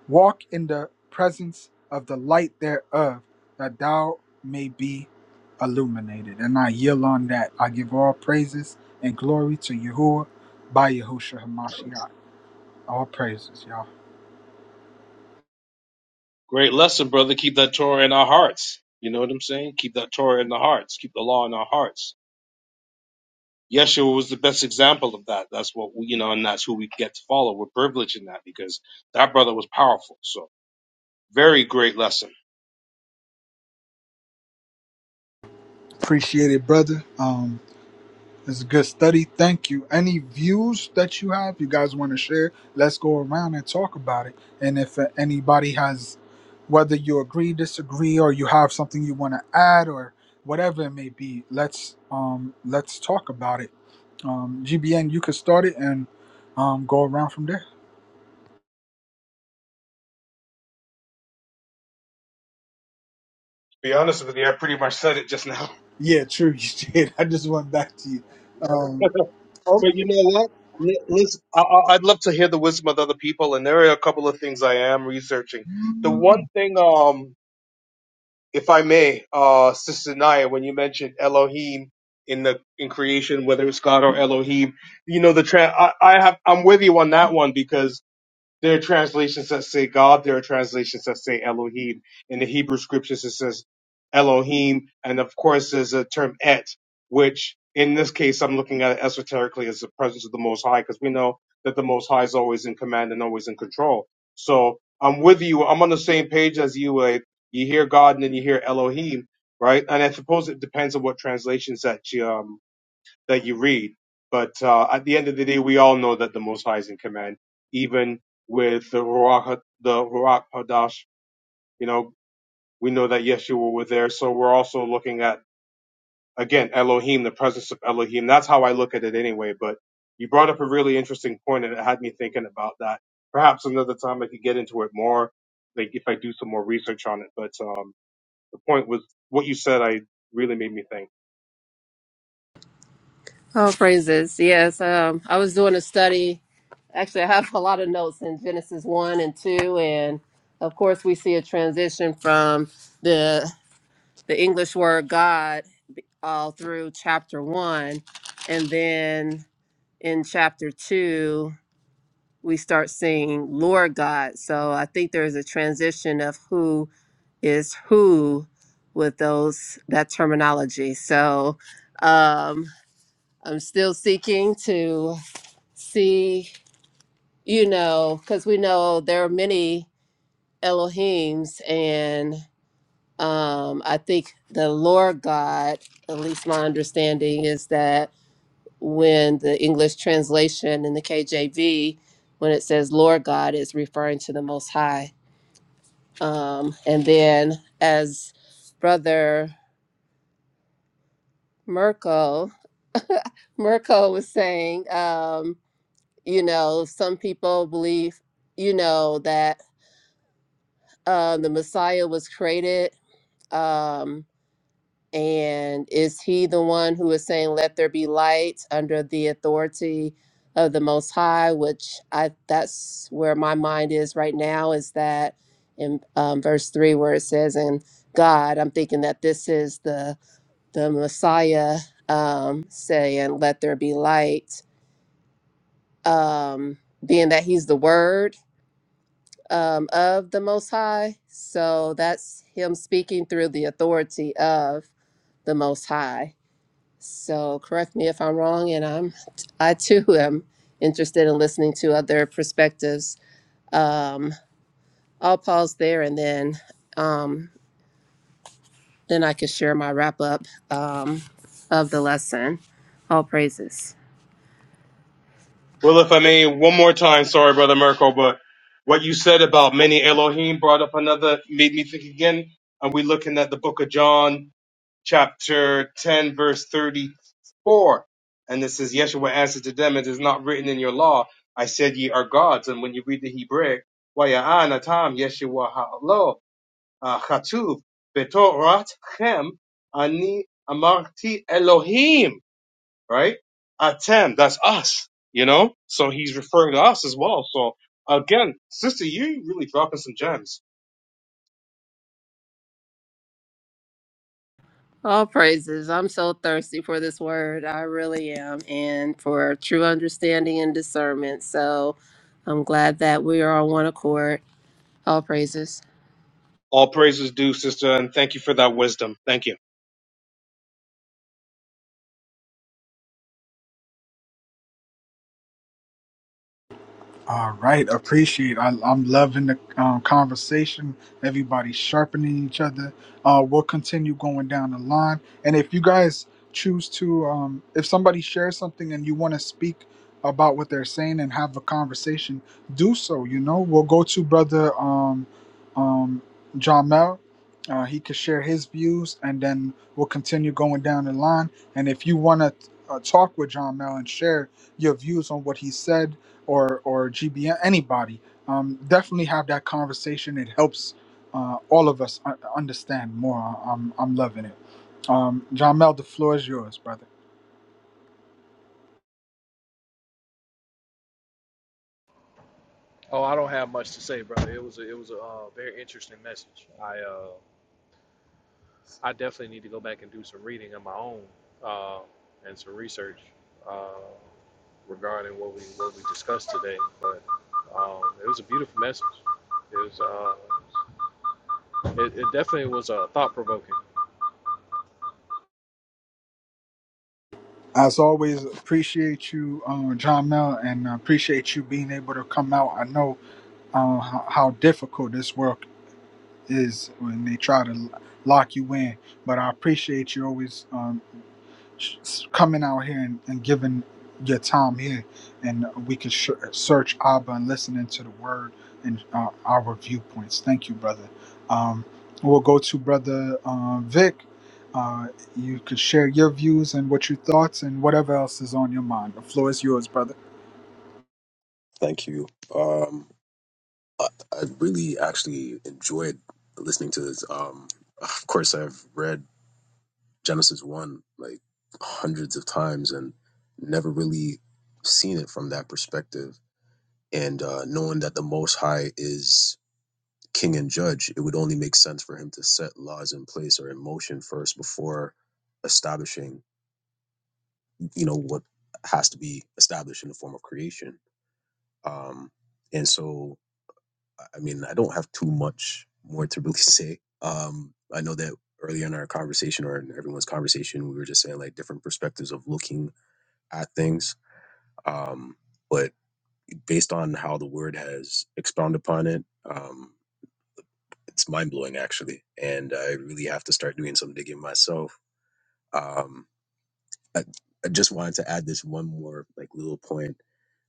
Speaker 2: Walk in the presence of the light thereof, that thou may be illuminated. And I yield on that. I give all praises and glory to Yahuwah by Yahushua Hamashiach. All praises, y'all.
Speaker 1: Great lesson, brother. Keep that Torah in our hearts. You know what I'm saying? Keep that Torah in our hearts. Keep the law in our hearts. Yeshua was the best example of that. That's what we, you know, and that's who we get to follow. We're privileged in that because that brother was powerful. So very great lesson. To
Speaker 2: Appreciate it, brother. Um, it's a good study. Thank you. Any views that you have, you guys want to share? Let's go around and talk about it. And if uh, anybody has, whether you agree, disagree, or you have something you want to add, or whatever it may be, let's um let's talk about it. Um, GBN, you can start it and um go around from there.
Speaker 1: be honest with you, I pretty much said it just now.
Speaker 2: Yeah, true. You did. I just went back to you.
Speaker 1: You
Speaker 2: Um,
Speaker 1: know?
Speaker 2: oh,
Speaker 1: but you know what? Li- Listen, I, I- I'd love to hear the wisdom of other people, and there are a couple of things I am researching. The one thing, um, if I may, uh, Sister Naya, when you mentioned Elohim in the in creation, whether it's God or Elohim, you know the tra- I, I have I'm with you on that one because there are translations that say God. There are translations that say Elohim. In the Hebrew scriptures, it says Elohim, and of course, there's a term Et, which in this case, I'm looking at it esoterically as the presence of the Most High, because we know that the Most High is always in command and always in control. So I'm with you. I'm on the same page as you. Like you hear God and then you hear Elohim, right? And I suppose it depends on what translations that you um that you read. But uh, at the end of the day, we all know that the Most High is in command. Even with the Ruach, Ha- the Ruach Hadash, you know, we know that Yeshua was there. So we're also looking at again Elohim, the presence of Elohim. That's how I look at it anyway. But you brought up a really interesting point, and it had me thinking about that. Perhaps another time I could get into it more, like if I do some more research on it. But um, the point was what you said. I really made me think.
Speaker 5: All praises. Yes. Um I was doing a study. Actually I have a lot of notes in Genesis one and two and of course we see a transition from the the English word God all through chapter one. And then in chapter two, we start seeing Lord God. So I think there's a transition of who is who with those that terminology. So um, I'm still seeking to see, you know, because we know there are many Elohims and um, I think the Lord God, at least my understanding is that when the English translation in the KJV, when it says Lord God, is referring to the Most High. Um, and then, as Brother Merkel, Merkel was saying, um, you know, some people believe, you know, that uh, the Messiah was created. Um, And is he the one who is saying, "Let there be light" under the authority of the Most High? Which I that's where my mind is right now. Is that in um, verse three where it says, "In God," I'm thinking that this is the the Messiah um, saying, "Let there be light," um, being that He's the Word um, of the Most High. So that's Him speaking through the authority of the Most High so correct me if I'm wrong, and I'm I too am interested in listening to other perspectives. Um, I'll pause there, and then um, then I can share my wrap up um, of the lesson. All praises.
Speaker 1: Well, if I may, one more time, sorry, Brother Merkel, but what you said about many Elohim brought up another, made me think again. And we're looking at the book of John, chapter 10, verse 34. And it says, Yeshua answered to them, It is not written in your law, I said ye are gods. And when you read the Hebrew, Waya'an atam Yeshua ha'lo, ah, chatuv, betorat chem, ani amarti Elohim right? Atem, that's us, you know? So he's referring to us as well. So again, sister, you really dropping some gems.
Speaker 5: All praises. I'm so thirsty for this word. I really am, and for true understanding and discernment. So I'm glad that we are on one accord. All praises.
Speaker 1: All praise is due, sister, and thank you for that wisdom. Thank you.
Speaker 2: All right, appreciate. I, I'm loving the um, conversation. Everybody sharpening each other. Uh, we'll continue going down the line. And if you guys choose to, um, if somebody shares something and you want to speak about what they're saying and have a conversation, do so. You know, we'll go to brother um, um, John Mel. Uh, he could share his views, and then we'll continue going down the line. And if you want to uh, talk with John Mel and share your views on what he said or or GBN, anybody, um, definitely have that conversation. It helps uh, all of us un- understand more. I'm I'm loving it. Um, John Mel, the floor is yours, brother.
Speaker 3: Oh, I don't have much to say, brother. It was a, it was a uh, very interesting message. I uh, I definitely need to go back and do some reading of my own uh, and some research uh, regarding what we what we discussed today. But um, it was a beautiful message. It was uh, it, it definitely was uh, thought provoking.
Speaker 2: As always, appreciate you, uh, John Mel, and uh, appreciate you being able to come out. I know uh, how, how difficult this work is when they try to l- lock you in, but I appreciate you always. Um, s- coming out here and, and giving your time here, and we can sh- search Abba and listening to the Word and uh, our viewpoints. Thank you, brother. Um, we'll go to brother uh, Vic. Uh, you could share your views and what your thoughts and whatever else is on your mind. The floor is yours, brother.
Speaker 4: Thank you. Um, I, I really actually enjoyed listening to this. Um, of course, I've read Genesis 1 like hundreds of times and never really seen it from that perspective. And uh, knowing that the Most High is. king and judge, it would only make sense for him to set laws in place or in motion first before establishing, you know, what has to be established in the form of creation. Um, and so, I I mean, I don't have too much more to really say. Um, I know that earlier in our conversation or in everyone's conversation, we were just saying like different perspectives of looking at things. Um, but based on how the word has expounded upon it, um, It's mind blowing actually, and I really have to start doing some digging myself. Um, I, I just wanted to add this one more like little point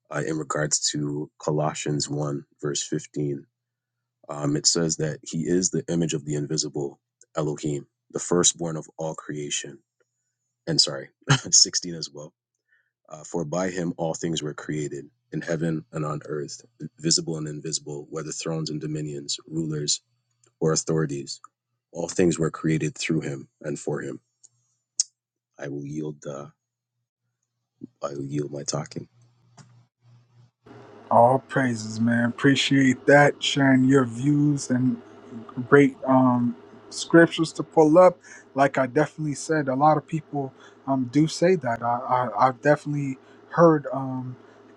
Speaker 4: uh, in regards to Colossians one verse fifteen. Um, it says that He is the image of the invisible Elohim, the firstborn of all creation. And sorry, sixteen as well. Uh, For by Him all things were created in heaven and on earth, visible and invisible, whether thrones and dominions, rulers or authorities All things were created through him and for him. I will yield. Uh, I will yield my talking.
Speaker 2: All praises, man. Appreciate that sharing your views and great um, scriptures to pull up. Like I definitely said, a lot of people um, do say that. I, I, I've definitely heard um,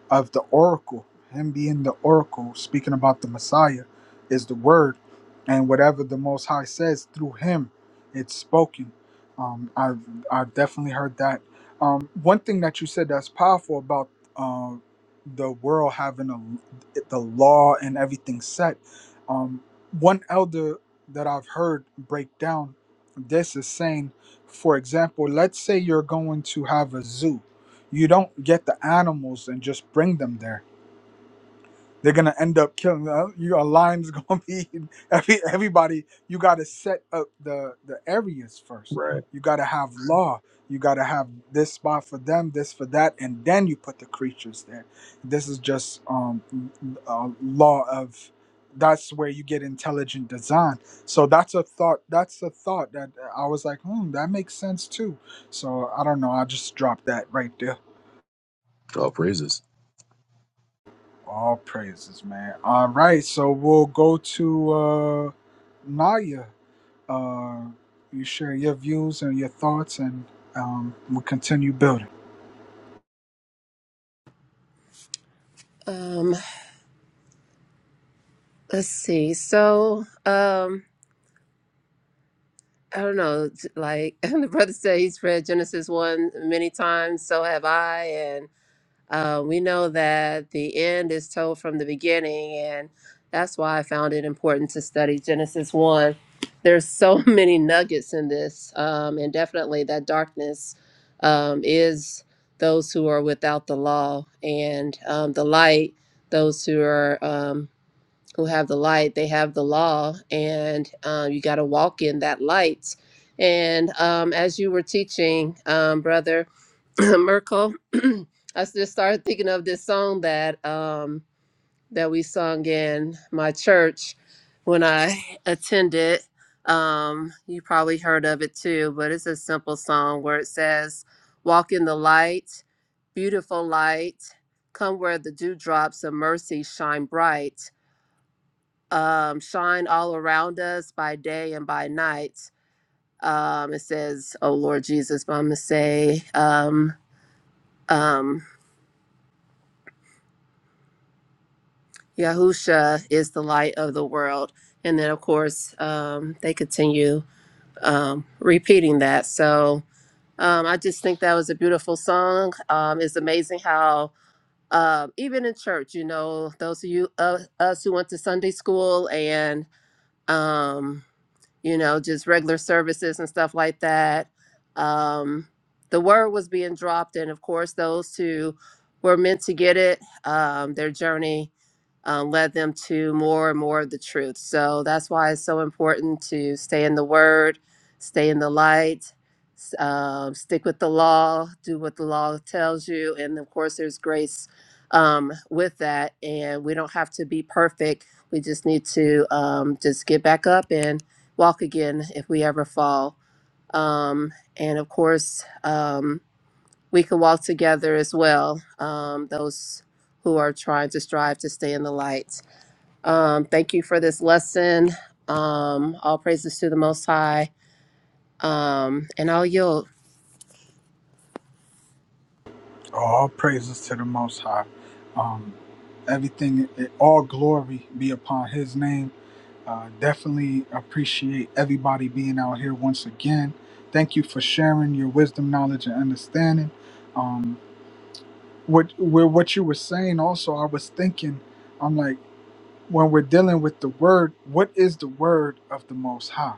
Speaker 2: of the oracle, him being the oracle, speaking about the Messiah is the word. And whatever the Most High says through him, it's spoken. Um, I've, I've definitely heard that. Um, one thing that you said that's powerful about uh, the world having a, the law and everything set. Um, one elder that I've heard break down this is saying, for example, let's say you're going to have a zoo. You don't get the animals and just bring them there. They're gonna end up killing uh, Your line's gonna be every everybody. You gotta set up the the areas first.
Speaker 4: Right.
Speaker 2: You gotta have law. You gotta have this spot for them, this for that, and then you put the creatures there. This is just um a law of. That's where you get intelligent design. So that's a thought. That's a thought that uh, I was like, hmm, that makes sense too. So I don't know. I just dropped that right there.
Speaker 4: All praises.
Speaker 2: All praises, man. All right, so we'll go to uh, Naya. Uh, you share your views and your thoughts, and um, we'll continue building.
Speaker 5: Um, let's see. So. Um, I don't know, it's like the brother said, he's read Genesis 1 many times, so have I. And uh, we know that the end is told from the beginning. And that's why I found it important to study Genesis 1. There's so many nuggets in this. Um, and definitely that darkness um, is those who are without the law, and um, the light, those who are. Um, who have the light, they have the law, and um, you got to walk in that light. And um, as you were teaching, um, Brother Merkel, I just started thinking of this song that um, that we sung in my church when I attended. Um, you probably heard of it too, but it's a simple song where it says, "Walk in the light, beautiful light, come where the dewdrops of mercy shine bright." um, shine all around us by day and by night. Um, it says, Oh Lord Jesus, but I'm going to say, um, um, Yahusha is the light of the world. And then, of course, um, they continue um, repeating that. So um, I just think that was a beautiful song. Um, it's amazing how, um, even in church, you know, those of you, uh, us who went to Sunday school and, um, you know, just regular services and stuff like that. Um, the word was being dropped, and of course, those who were meant to get it, um, their journey uh, led them to more and more of the truth. So that's why it's so important to stay in the word, stay in the light, s- um, stick with the law, do what the law tells you. And of course, there's grace um, with that. And we don't have to be perfect. We just need to um, just get back up and walk again if we ever fall. Um, and of course, um, we can walk together as well, um, those who are trying to strive to stay in the light. Um, thank you for this lesson. Um, all praises to the Most High. Um, and I'll yield.
Speaker 2: All praises to the Most High. Um, everything, eh, all glory be upon His name. Uh, definitely appreciate everybody being out here once again. Thank you for sharing your wisdom, knowledge, and understanding. Um, what, with what you were saying, also, I was thinking. I'm like. when we're dealing with the word, what is the word of the Most High?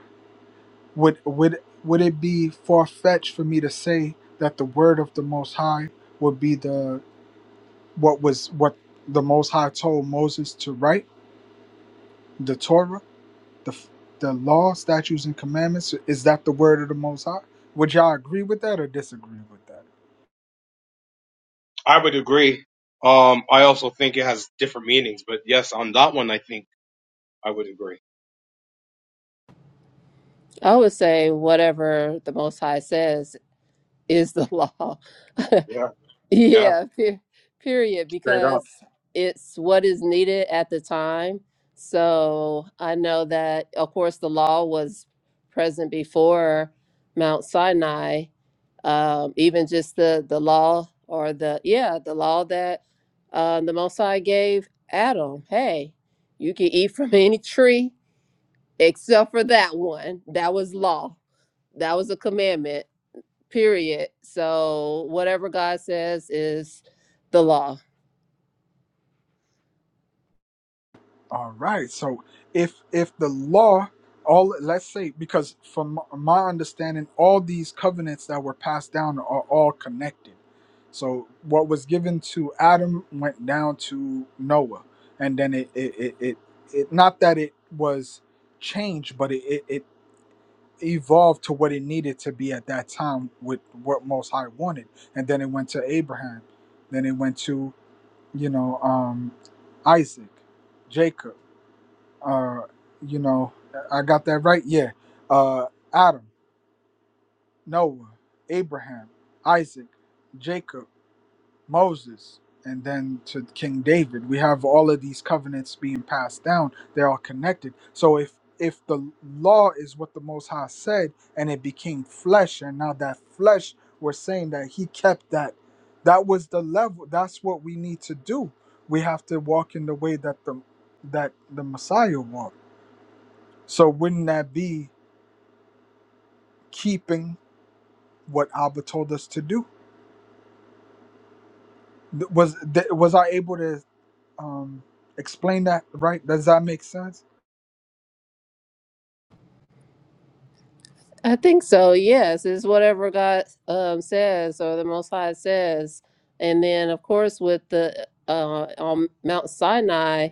Speaker 2: Would would would it be far fetched for me to say that the word of the Most High would be the what was what the Most High told Moses to write, the Torah, the f- the law, statutes, and commandments? Is that the word of the Most High? Would y'all agree with that or disagree with that?
Speaker 1: I would agree. Um, I also think it has different meanings, but yes, on that one, I think I would agree.
Speaker 5: I would say whatever the Most High says is the law.
Speaker 1: Yeah, yeah,
Speaker 5: Yeah, pe- period,
Speaker 1: straight up.
Speaker 5: because it's what is needed at the time. So I know that, of course, the law was present before Mount Sinai. Um, even just the the law or the yeah, the law that uh, the Most High gave Adam. Hey, you can eat from any tree except for that one. That was law. That was a commandment period. So whatever God says is the law.
Speaker 2: All right. So if if the law all let's say because from my understanding all these covenants that were passed down are all connected. So what was given to Adam went down to Noah and then it it it, it, it not that it was changed but it, it it evolved to what it needed to be at that time with what most high wanted and then it went to Abraham then it went to you know um Isaac Jacob uh, you know, I got that right. Yeah, uh, Adam, Noah, Abraham, Isaac, Jacob, Moses, and then to King David. We have all of these covenants being passed down. They're all connected. So if if the law is what the Most High said, and it became flesh, and now that flesh, we're saying that He kept that. That was the level. That's what we need to do. We have to walk in the way that the that the Messiah walked so wouldn't that be keeping what Abba told us to do? Th- Was th- was I able to um, explain that right? Does that make sense?
Speaker 5: I think so. Yes, is whatever God um, says or the Most High says. And then, of course, with the uh, on Mount Sinai,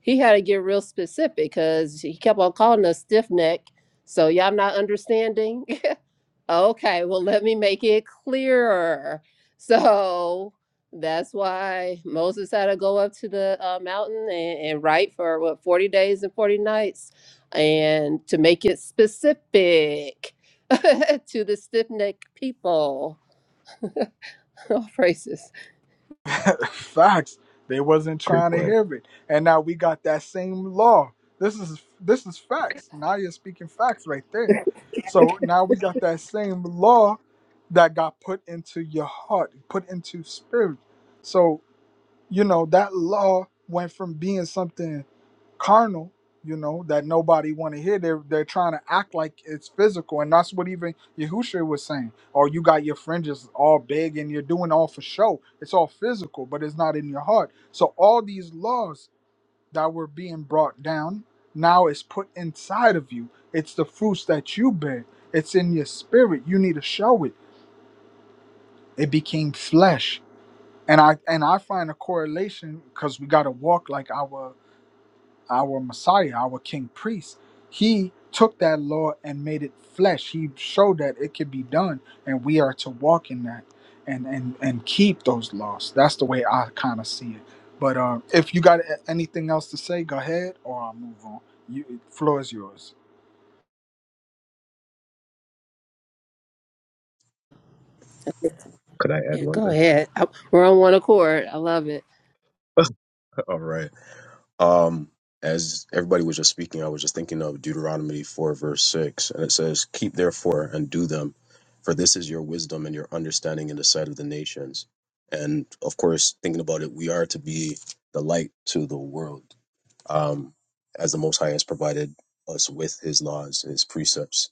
Speaker 5: he had to get real specific because he kept on calling us stiff neck. So y'all not understanding. Okay, well, let me make it clearer. So that's why Moses had to go up to the uh, mountain and, and write for what 40 days and 40 nights, and to make it specific to the stiff necked people. Oh, praises.
Speaker 2: Facts. They wasn't
Speaker 4: Great
Speaker 2: trying to
Speaker 4: point.
Speaker 2: hear it, and now we got that same law. This is this is facts. Now you're speaking facts right there. So now we got that same law that got put into your heart, put into spirit. So you know that law went from being something carnal you know that nobody want to hear they're, they're trying to act like it's physical and that's what even Yahushua was saying oh you got your fringes all big and you're doing all for show it's all physical but it's not in your heart so all these laws that were being brought down now is put inside of you it's the fruits that you bear it's in your spirit you need to show it it became flesh and i and i find a correlation because we got to walk like our our Messiah, our King Priest, he took that law and made it flesh. He showed that it could be done, and we are to walk in that and and and keep those laws. That's the way I kind of see it. But uh, if you got a- anything else to say, go ahead, or I'll move on. You, floor is yours.
Speaker 4: Could I add
Speaker 5: Yeah,
Speaker 4: one
Speaker 5: go
Speaker 4: thing?
Speaker 5: ahead. I- We're on one accord. I love it.
Speaker 4: All right. Um, as everybody was just speaking, I was just thinking of Deuteronomy four verse six, and it says, "Keep therefore and do them, for this is your wisdom and your understanding in the sight of the nations." And of course, thinking about it, we are to be the light to the world, um, as the Most High has provided us with His laws, His precepts,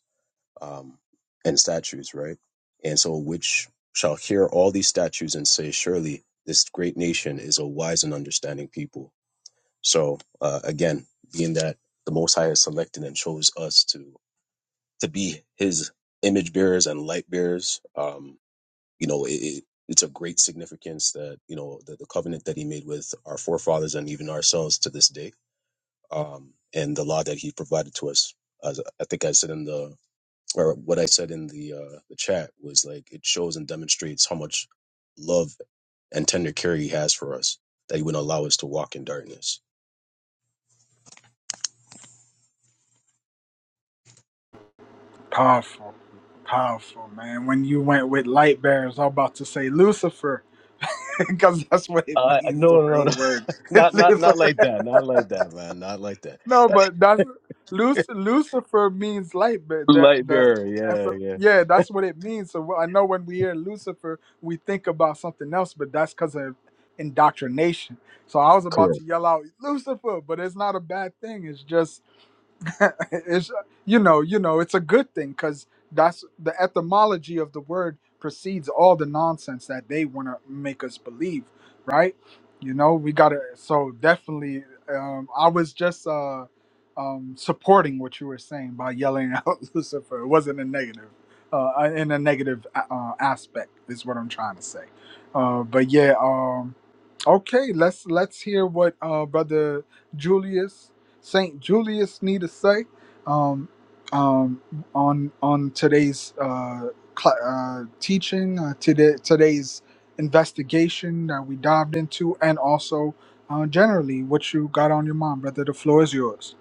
Speaker 4: um, and statues, right? And so, which shall hear all these statues and say, Surely this great nation is a wise and understanding people. So, uh, again, being that the Most High has selected and chose us to to be His image bearers and light bearers, um, you know, it, it, it's a great significance that you know the, the covenant that He made with our forefathers and even ourselves to this day, um, and the law that He provided to us. As I think I said in the or what I said in the uh, the chat was like it shows and demonstrates how much love and tender care he has for us that he wouldn't allow us to walk in darkness.
Speaker 2: Powerful, powerful man. When you went with light bearers, I'm about to say Lucifer, because that's what it
Speaker 4: Uh,
Speaker 2: means. The
Speaker 4: no, no,
Speaker 2: real
Speaker 4: no,
Speaker 2: word.
Speaker 4: not, not, not like that. Not like that, man. Not like that.
Speaker 2: No, but that's Luc- Lucifer means light, but that
Speaker 4: Light
Speaker 2: the
Speaker 4: bearer. Yeah, yeah.
Speaker 2: yeah, that's what it means. So well, I know when we hear Lucifer, we think about something else, but that's because of indoctrination. So I was about
Speaker 4: Correct.
Speaker 2: to yell out Lucifer, but it's not a bad thing. It's just it's you know you know it's a good thing because that's the etymology of the word precedes all the nonsense that they want to make us believe right you know we gotta so definitely um i was just uh um supporting what you were saying by yelling out lucifer it wasn't a negative uh in a negative uh aspect is what i'm trying to say uh but yeah um, Okay, let's let's hear what uh, brother Julius Saint Julius need to say um, um, on on today's uh, cl- uh, teaching, uh, today today's investigation that we dived into, and also uh, generally what you got on your mind, brother. The floor is yours.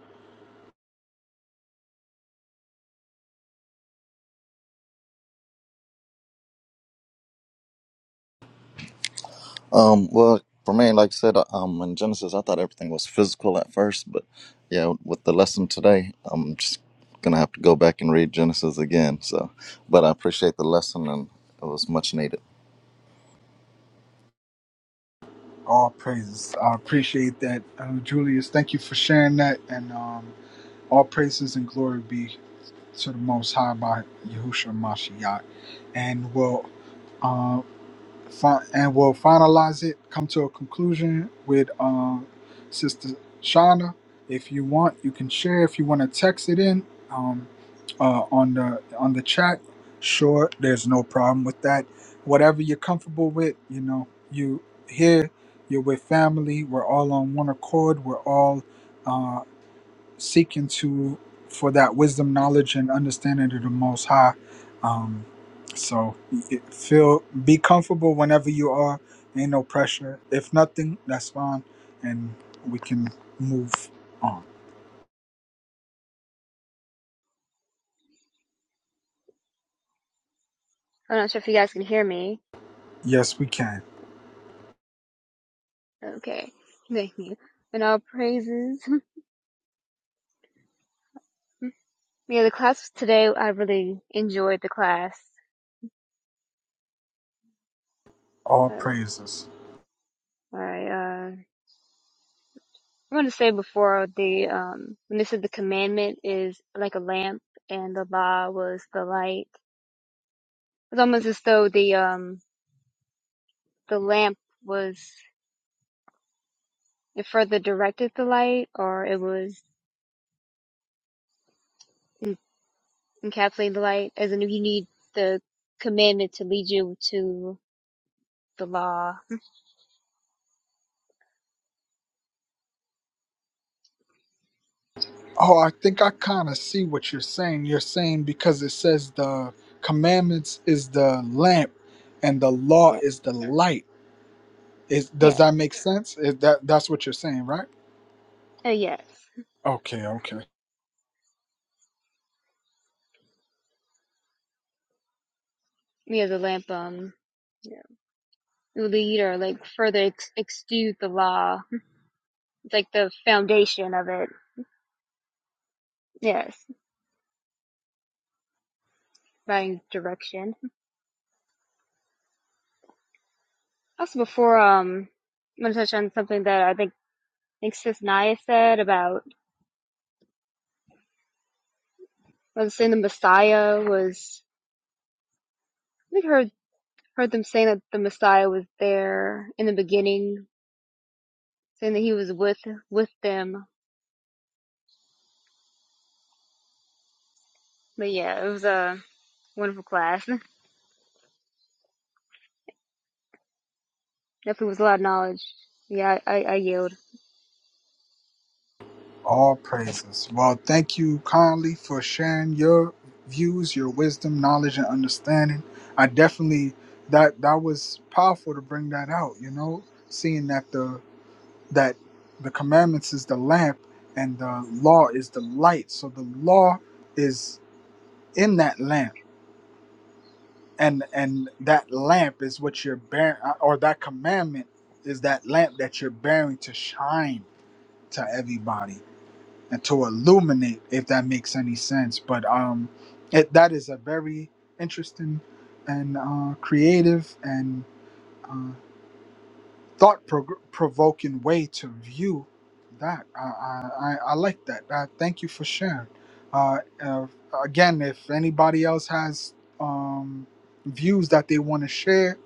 Speaker 6: Um, well, for me, like I said, um, in Genesis, I thought everything was physical at first, but yeah, with the lesson today, I'm just gonna have to go back and read Genesis again. So, but I appreciate the lesson and it was much needed.
Speaker 2: All praises. I appreciate that, uh, Julius. Thank you for sharing that, and um, all praises and glory be to the Most High by Yahushua Mashiach, and we will uh, fi- and will finalize it, come to a conclusion with uh, Sister Shauna. If you want, you can share. If you want to text it in um, uh, on the on the chat, sure, there's no problem with that. Whatever you're comfortable with, you know, you here, you're with family. We're all on one accord. We're all. uh, seeking to for that wisdom, knowledge, and understanding of the Most High. Um, so it- feel be comfortable whenever you are. Ain't no pressure. If nothing, that's fine, and we can move on.
Speaker 7: I'm not sure if you guys can hear me.
Speaker 2: Yes, we can.
Speaker 7: Okay. Thank you. And all praises. yeah, the class today, I really enjoyed the class.
Speaker 2: All
Speaker 7: Uh,
Speaker 2: praises.
Speaker 7: I, uh, I want to say before the, um, when this is the commandment is like a lamp and the law was the light. It's almost as though the, um, the lamp was, it further directed the light or it was encapsulating the light as in you need the commandment to lead you to the law.
Speaker 2: Oh, I think I kind of see what you're saying. You're saying because it says the commandments is the lamp, and the law
Speaker 7: Yeah.
Speaker 2: is the light. Is does
Speaker 7: Yeah.
Speaker 2: that make sense? Is that that's what you're saying, right?
Speaker 7: Uh, yes.
Speaker 2: Okay, okay.
Speaker 7: yeah, the lamp um lead or like further ex- exude the law. It's like the foundation of it. Yes, providing direction. Also, before um, I'm gonna touch on something that I think I think Sis Naya said about was saying the Messiah was. I think I heard heard them saying that the Messiah was there in the beginning, saying that he was with with them. But yeah, it was a wonderful class. Definitely was a lot of knowledge. Yeah, I, I, I yield.
Speaker 2: All praises. Well, thank you kindly for sharing your views, your wisdom, knowledge, and understanding. I definitely that that was powerful to bring that out. You know, seeing that the that the commandments is the lamp and the law is the light. So the law is in that lamp, and and that lamp is what you're bearing, or that commandment is that lamp that you're bearing to shine to everybody and to illuminate if that makes any sense but um it, that is a very interesting and uh, creative and uh, thought provoking way to view that. I, I, I I like that. Uh, thank you for sharing. Uh, uh, again, if anybody else has um, views that they want to share,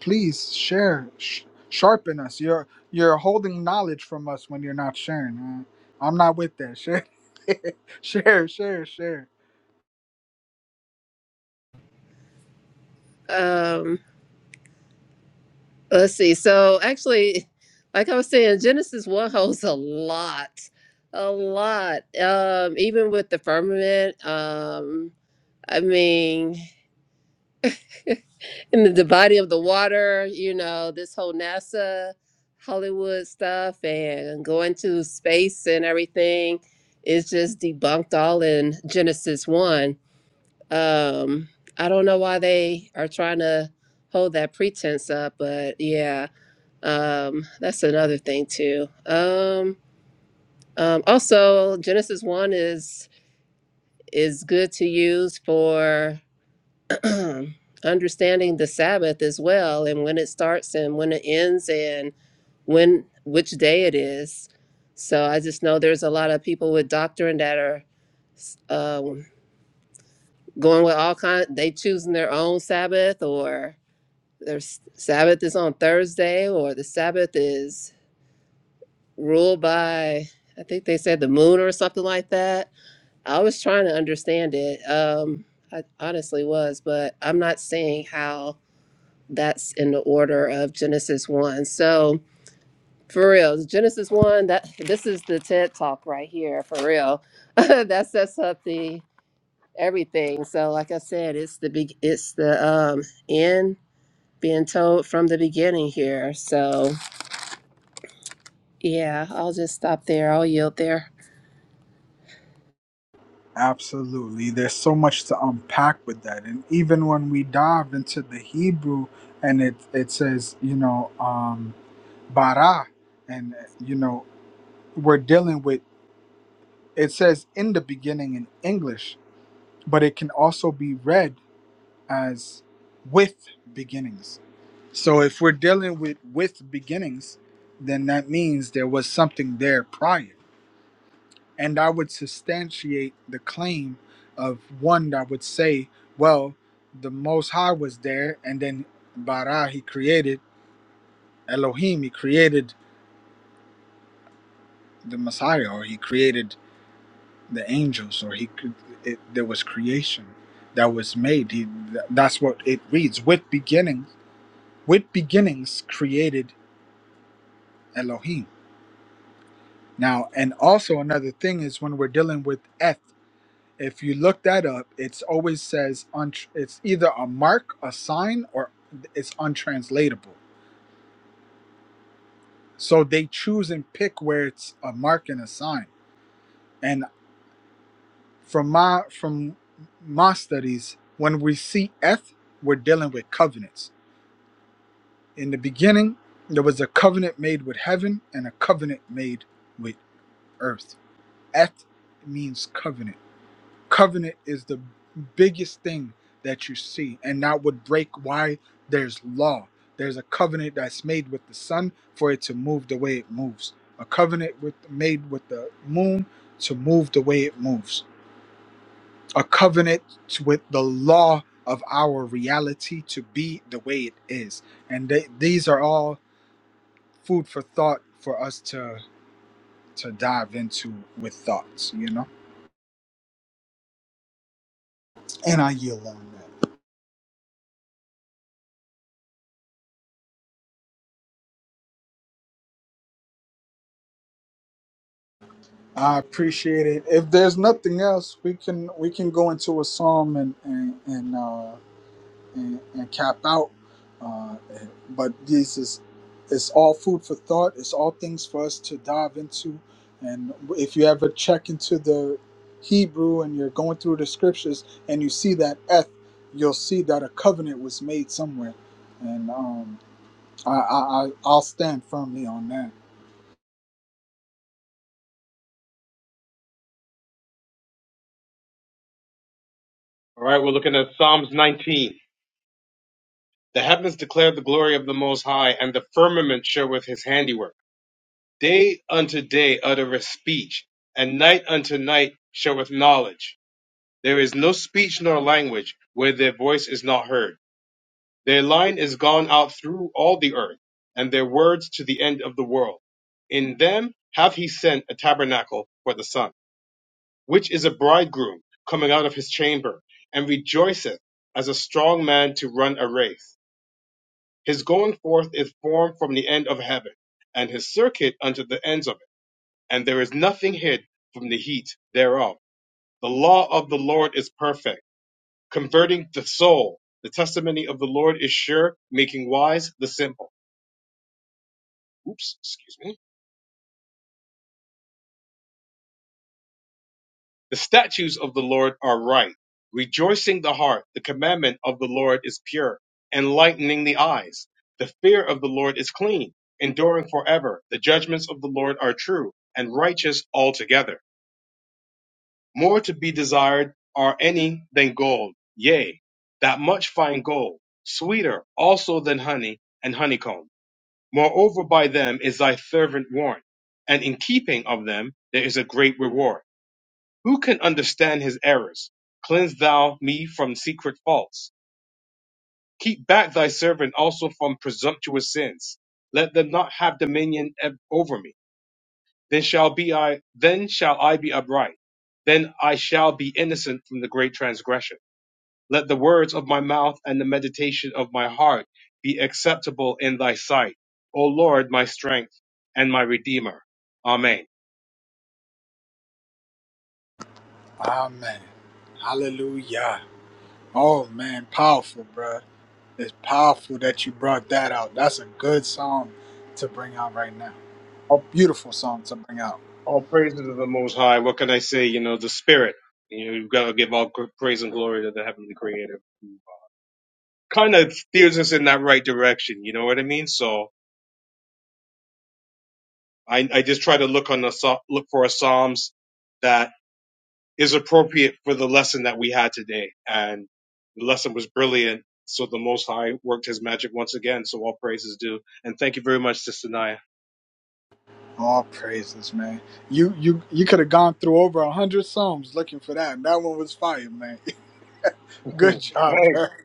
Speaker 2: please share. Sh- sharpen us. You're you're holding knowledge from us when you're not sharing. Uh, I'm not with that. Share, share, share, share.
Speaker 5: Um, Let's see. So actually, like I was saying, Genesis one holds a lot, a lot. Um, even with the firmament. Um, I mean, in the, the body of the water. You know, this whole NASA, Hollywood stuff, and going to space and everything is just debunked all in Genesis one. Um, I don't know why they are trying to hold that pretense up, but yeah. Um, that's another thing too. Um, um, also, Genesis one is is good to use for understanding the Sabbath as well, and when it starts and when it ends, and when which day it is. So I just know there's a lot of people with doctrine that are s- um, going with all kind. They choosing their own Sabbath, or their s- Sabbath is on Thursday, or the Sabbath is ruled by I think they said the moon or something like that. I was trying to understand it. Um, I honestly was, but I'm not seeing how that's in the order of Genesis one. So for real, Genesis one that this is the TED talk right here for real. that sets up the everything. So like I said, it's the big it's the um end being told from the beginning here. So yeah, I'll just stop there. I'll yield there.
Speaker 2: Absolutely. There's so much to unpack with that. And even when we dive into the Hebrew and it, it says, you know, um, bara, and, you know, we're dealing with, it says in the beginning in English, but it can also be read as with beginnings. So if we're dealing with with beginnings, then that means there was something there prior. and I would substantiate the claim of one that would say, well, the Most High was there, and then Bara, he created Elohim, he created the Messiah, or he created the angels, or he could, it, there was creation that was made. He, th- that's what it reads with beginnings, with beginnings created Elohim. Now, and also another thing is when we're dealing with Eth. If you look that up, it's always says untr it's either a mark, a sign, or it's untranslatable. So they choose and pick where it's a mark and a sign. And from my from my studies, when we see eth, we're dealing with covenants. In the beginning, there was a covenant made with heaven and a covenant made with earth. Eth means covenant covenant is the biggest thing that you see and that would break why there's law there's a covenant that's made with the sun for it to move the way it moves a covenant with made with the moon to move the way it moves a covenant to- with the law of our reality to be the way it is and they, these are all food for thought for us to to dive into with thoughts you know and i yield on that I appreciate it. If there's nothing else, we can we can go into a psalm and and and, uh, and, and cap out. Uh, but this is it's all food for thought. It's all things for us to dive into. And if you ever check into the Hebrew and you're going through the scriptures and you see that eth, you'll see that a covenant was made somewhere. And um, I, I I- I'll stand firmly on that.
Speaker 1: All right, we're looking at Psalms 19. The heavens declare the glory of the Most High, and the firmament showeth his handiwork. Day unto day uttereth speech, and night unto night showeth knowledge. There is no speech nor language where their voice is not heard. Their line is gone out through all the earth, and their words to the end of the world. In them hath he sent a tabernacle for the sun, which is a bridegroom coming out of his chamber, and rejoiceth as a strong man to run a race. His going forth is formed from the end of heaven, and his circuit unto the ends of it, and there is nothing hid from the heat thereof. The law of the Lord is perfect converting the soul. The testimony of the Lord is sure, making wise the simple. Oops, excuse me. The statutes of the Lord are right, rejoicing the heart. The commandment of the Lord is pure, enlightening the eyes. The fear of the Lord is clean, enduring forever. The judgments of the Lord are true and righteous altogether. More to be desired are any than gold, yea, that much fine gold, sweeter also than honey and honeycomb Moreover, by them is thy servant warned, and in keeping of them there is a great reward. Who can understand his errors? Cleanse thou me from secret faults. Keep back thy servant also from presumptuous sins. Let them not have dominion ev- over me. Then shall be I then shall I be upright. Then I shall be innocent from the great transgression. Let the words of my mouth and the meditation of my heart be acceptable in thy sight, O Lord, my strength and my redeemer. Amen.
Speaker 2: Amen. Hallelujah. Oh man, powerful, bruh. It's powerful that you brought that out. That's a good song to bring out right now.
Speaker 1: All,
Speaker 2: Beautiful song to bring out.
Speaker 1: all praises to the Most High. What can I say? You know, the Spirit. You know, you've got to give all gr- praise and glory to the Heavenly Creator. Kind of steers us in that right direction. You know what I mean? So I, I just try to look on the psa- look for a Psalms that is appropriate for the lesson that we had today. And the lesson was brilliant. So the Most High worked his magic once again. So all praise is due. And thank you very much, Sister Naya.
Speaker 2: All praises, man. You you you could have gone through over a hundred songs looking for that. That one was fire, man.
Speaker 1: hey,
Speaker 2: Good job, bruh.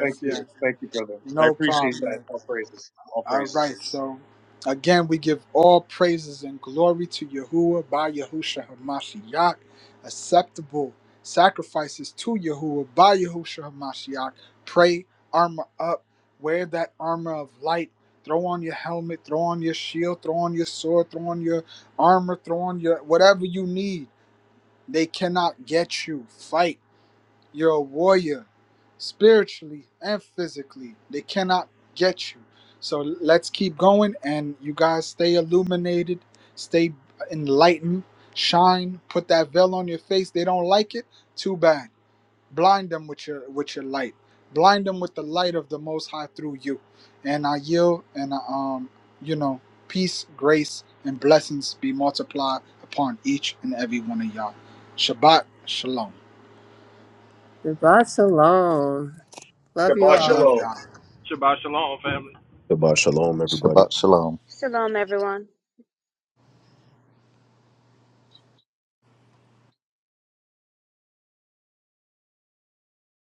Speaker 1: thank
Speaker 2: yes.
Speaker 1: you. Thank you, brother. I
Speaker 2: No
Speaker 1: appreciate
Speaker 2: problem, man.
Speaker 1: that. All praises. All
Speaker 2: All
Speaker 1: praises.
Speaker 2: right, so again, we give all praises and glory to Yahuwah by Yahusha HaMashiach, acceptable sacrifices to Yahuwah by Yahusha HaMashiach. Pray, armor up, wear that armor of light, throw on your helmet, throw on your shield, throw on your sword, throw on your armor, throw on your whatever you need. They cannot get you. Fight. You're a warrior, spiritually and physically. They cannot get you. So let's keep going, and you guys stay illuminated, stay enlightened, shine. Put that veil on your face. They don't like it. Too bad. Blind them with your with your light. Blind them with the light of the Most High through you. And I yield, and I, um, you know, peace, grace, and blessings be multiplied upon each and every one of y'all. Shabbat shalom.
Speaker 5: Shabbat shalom. Love you
Speaker 1: Shabbat
Speaker 5: all.
Speaker 2: Love
Speaker 1: shalom.
Speaker 2: y'all.
Speaker 4: About shalom, everybody.
Speaker 6: Shabbat shalom.
Speaker 7: Shalom, everyone.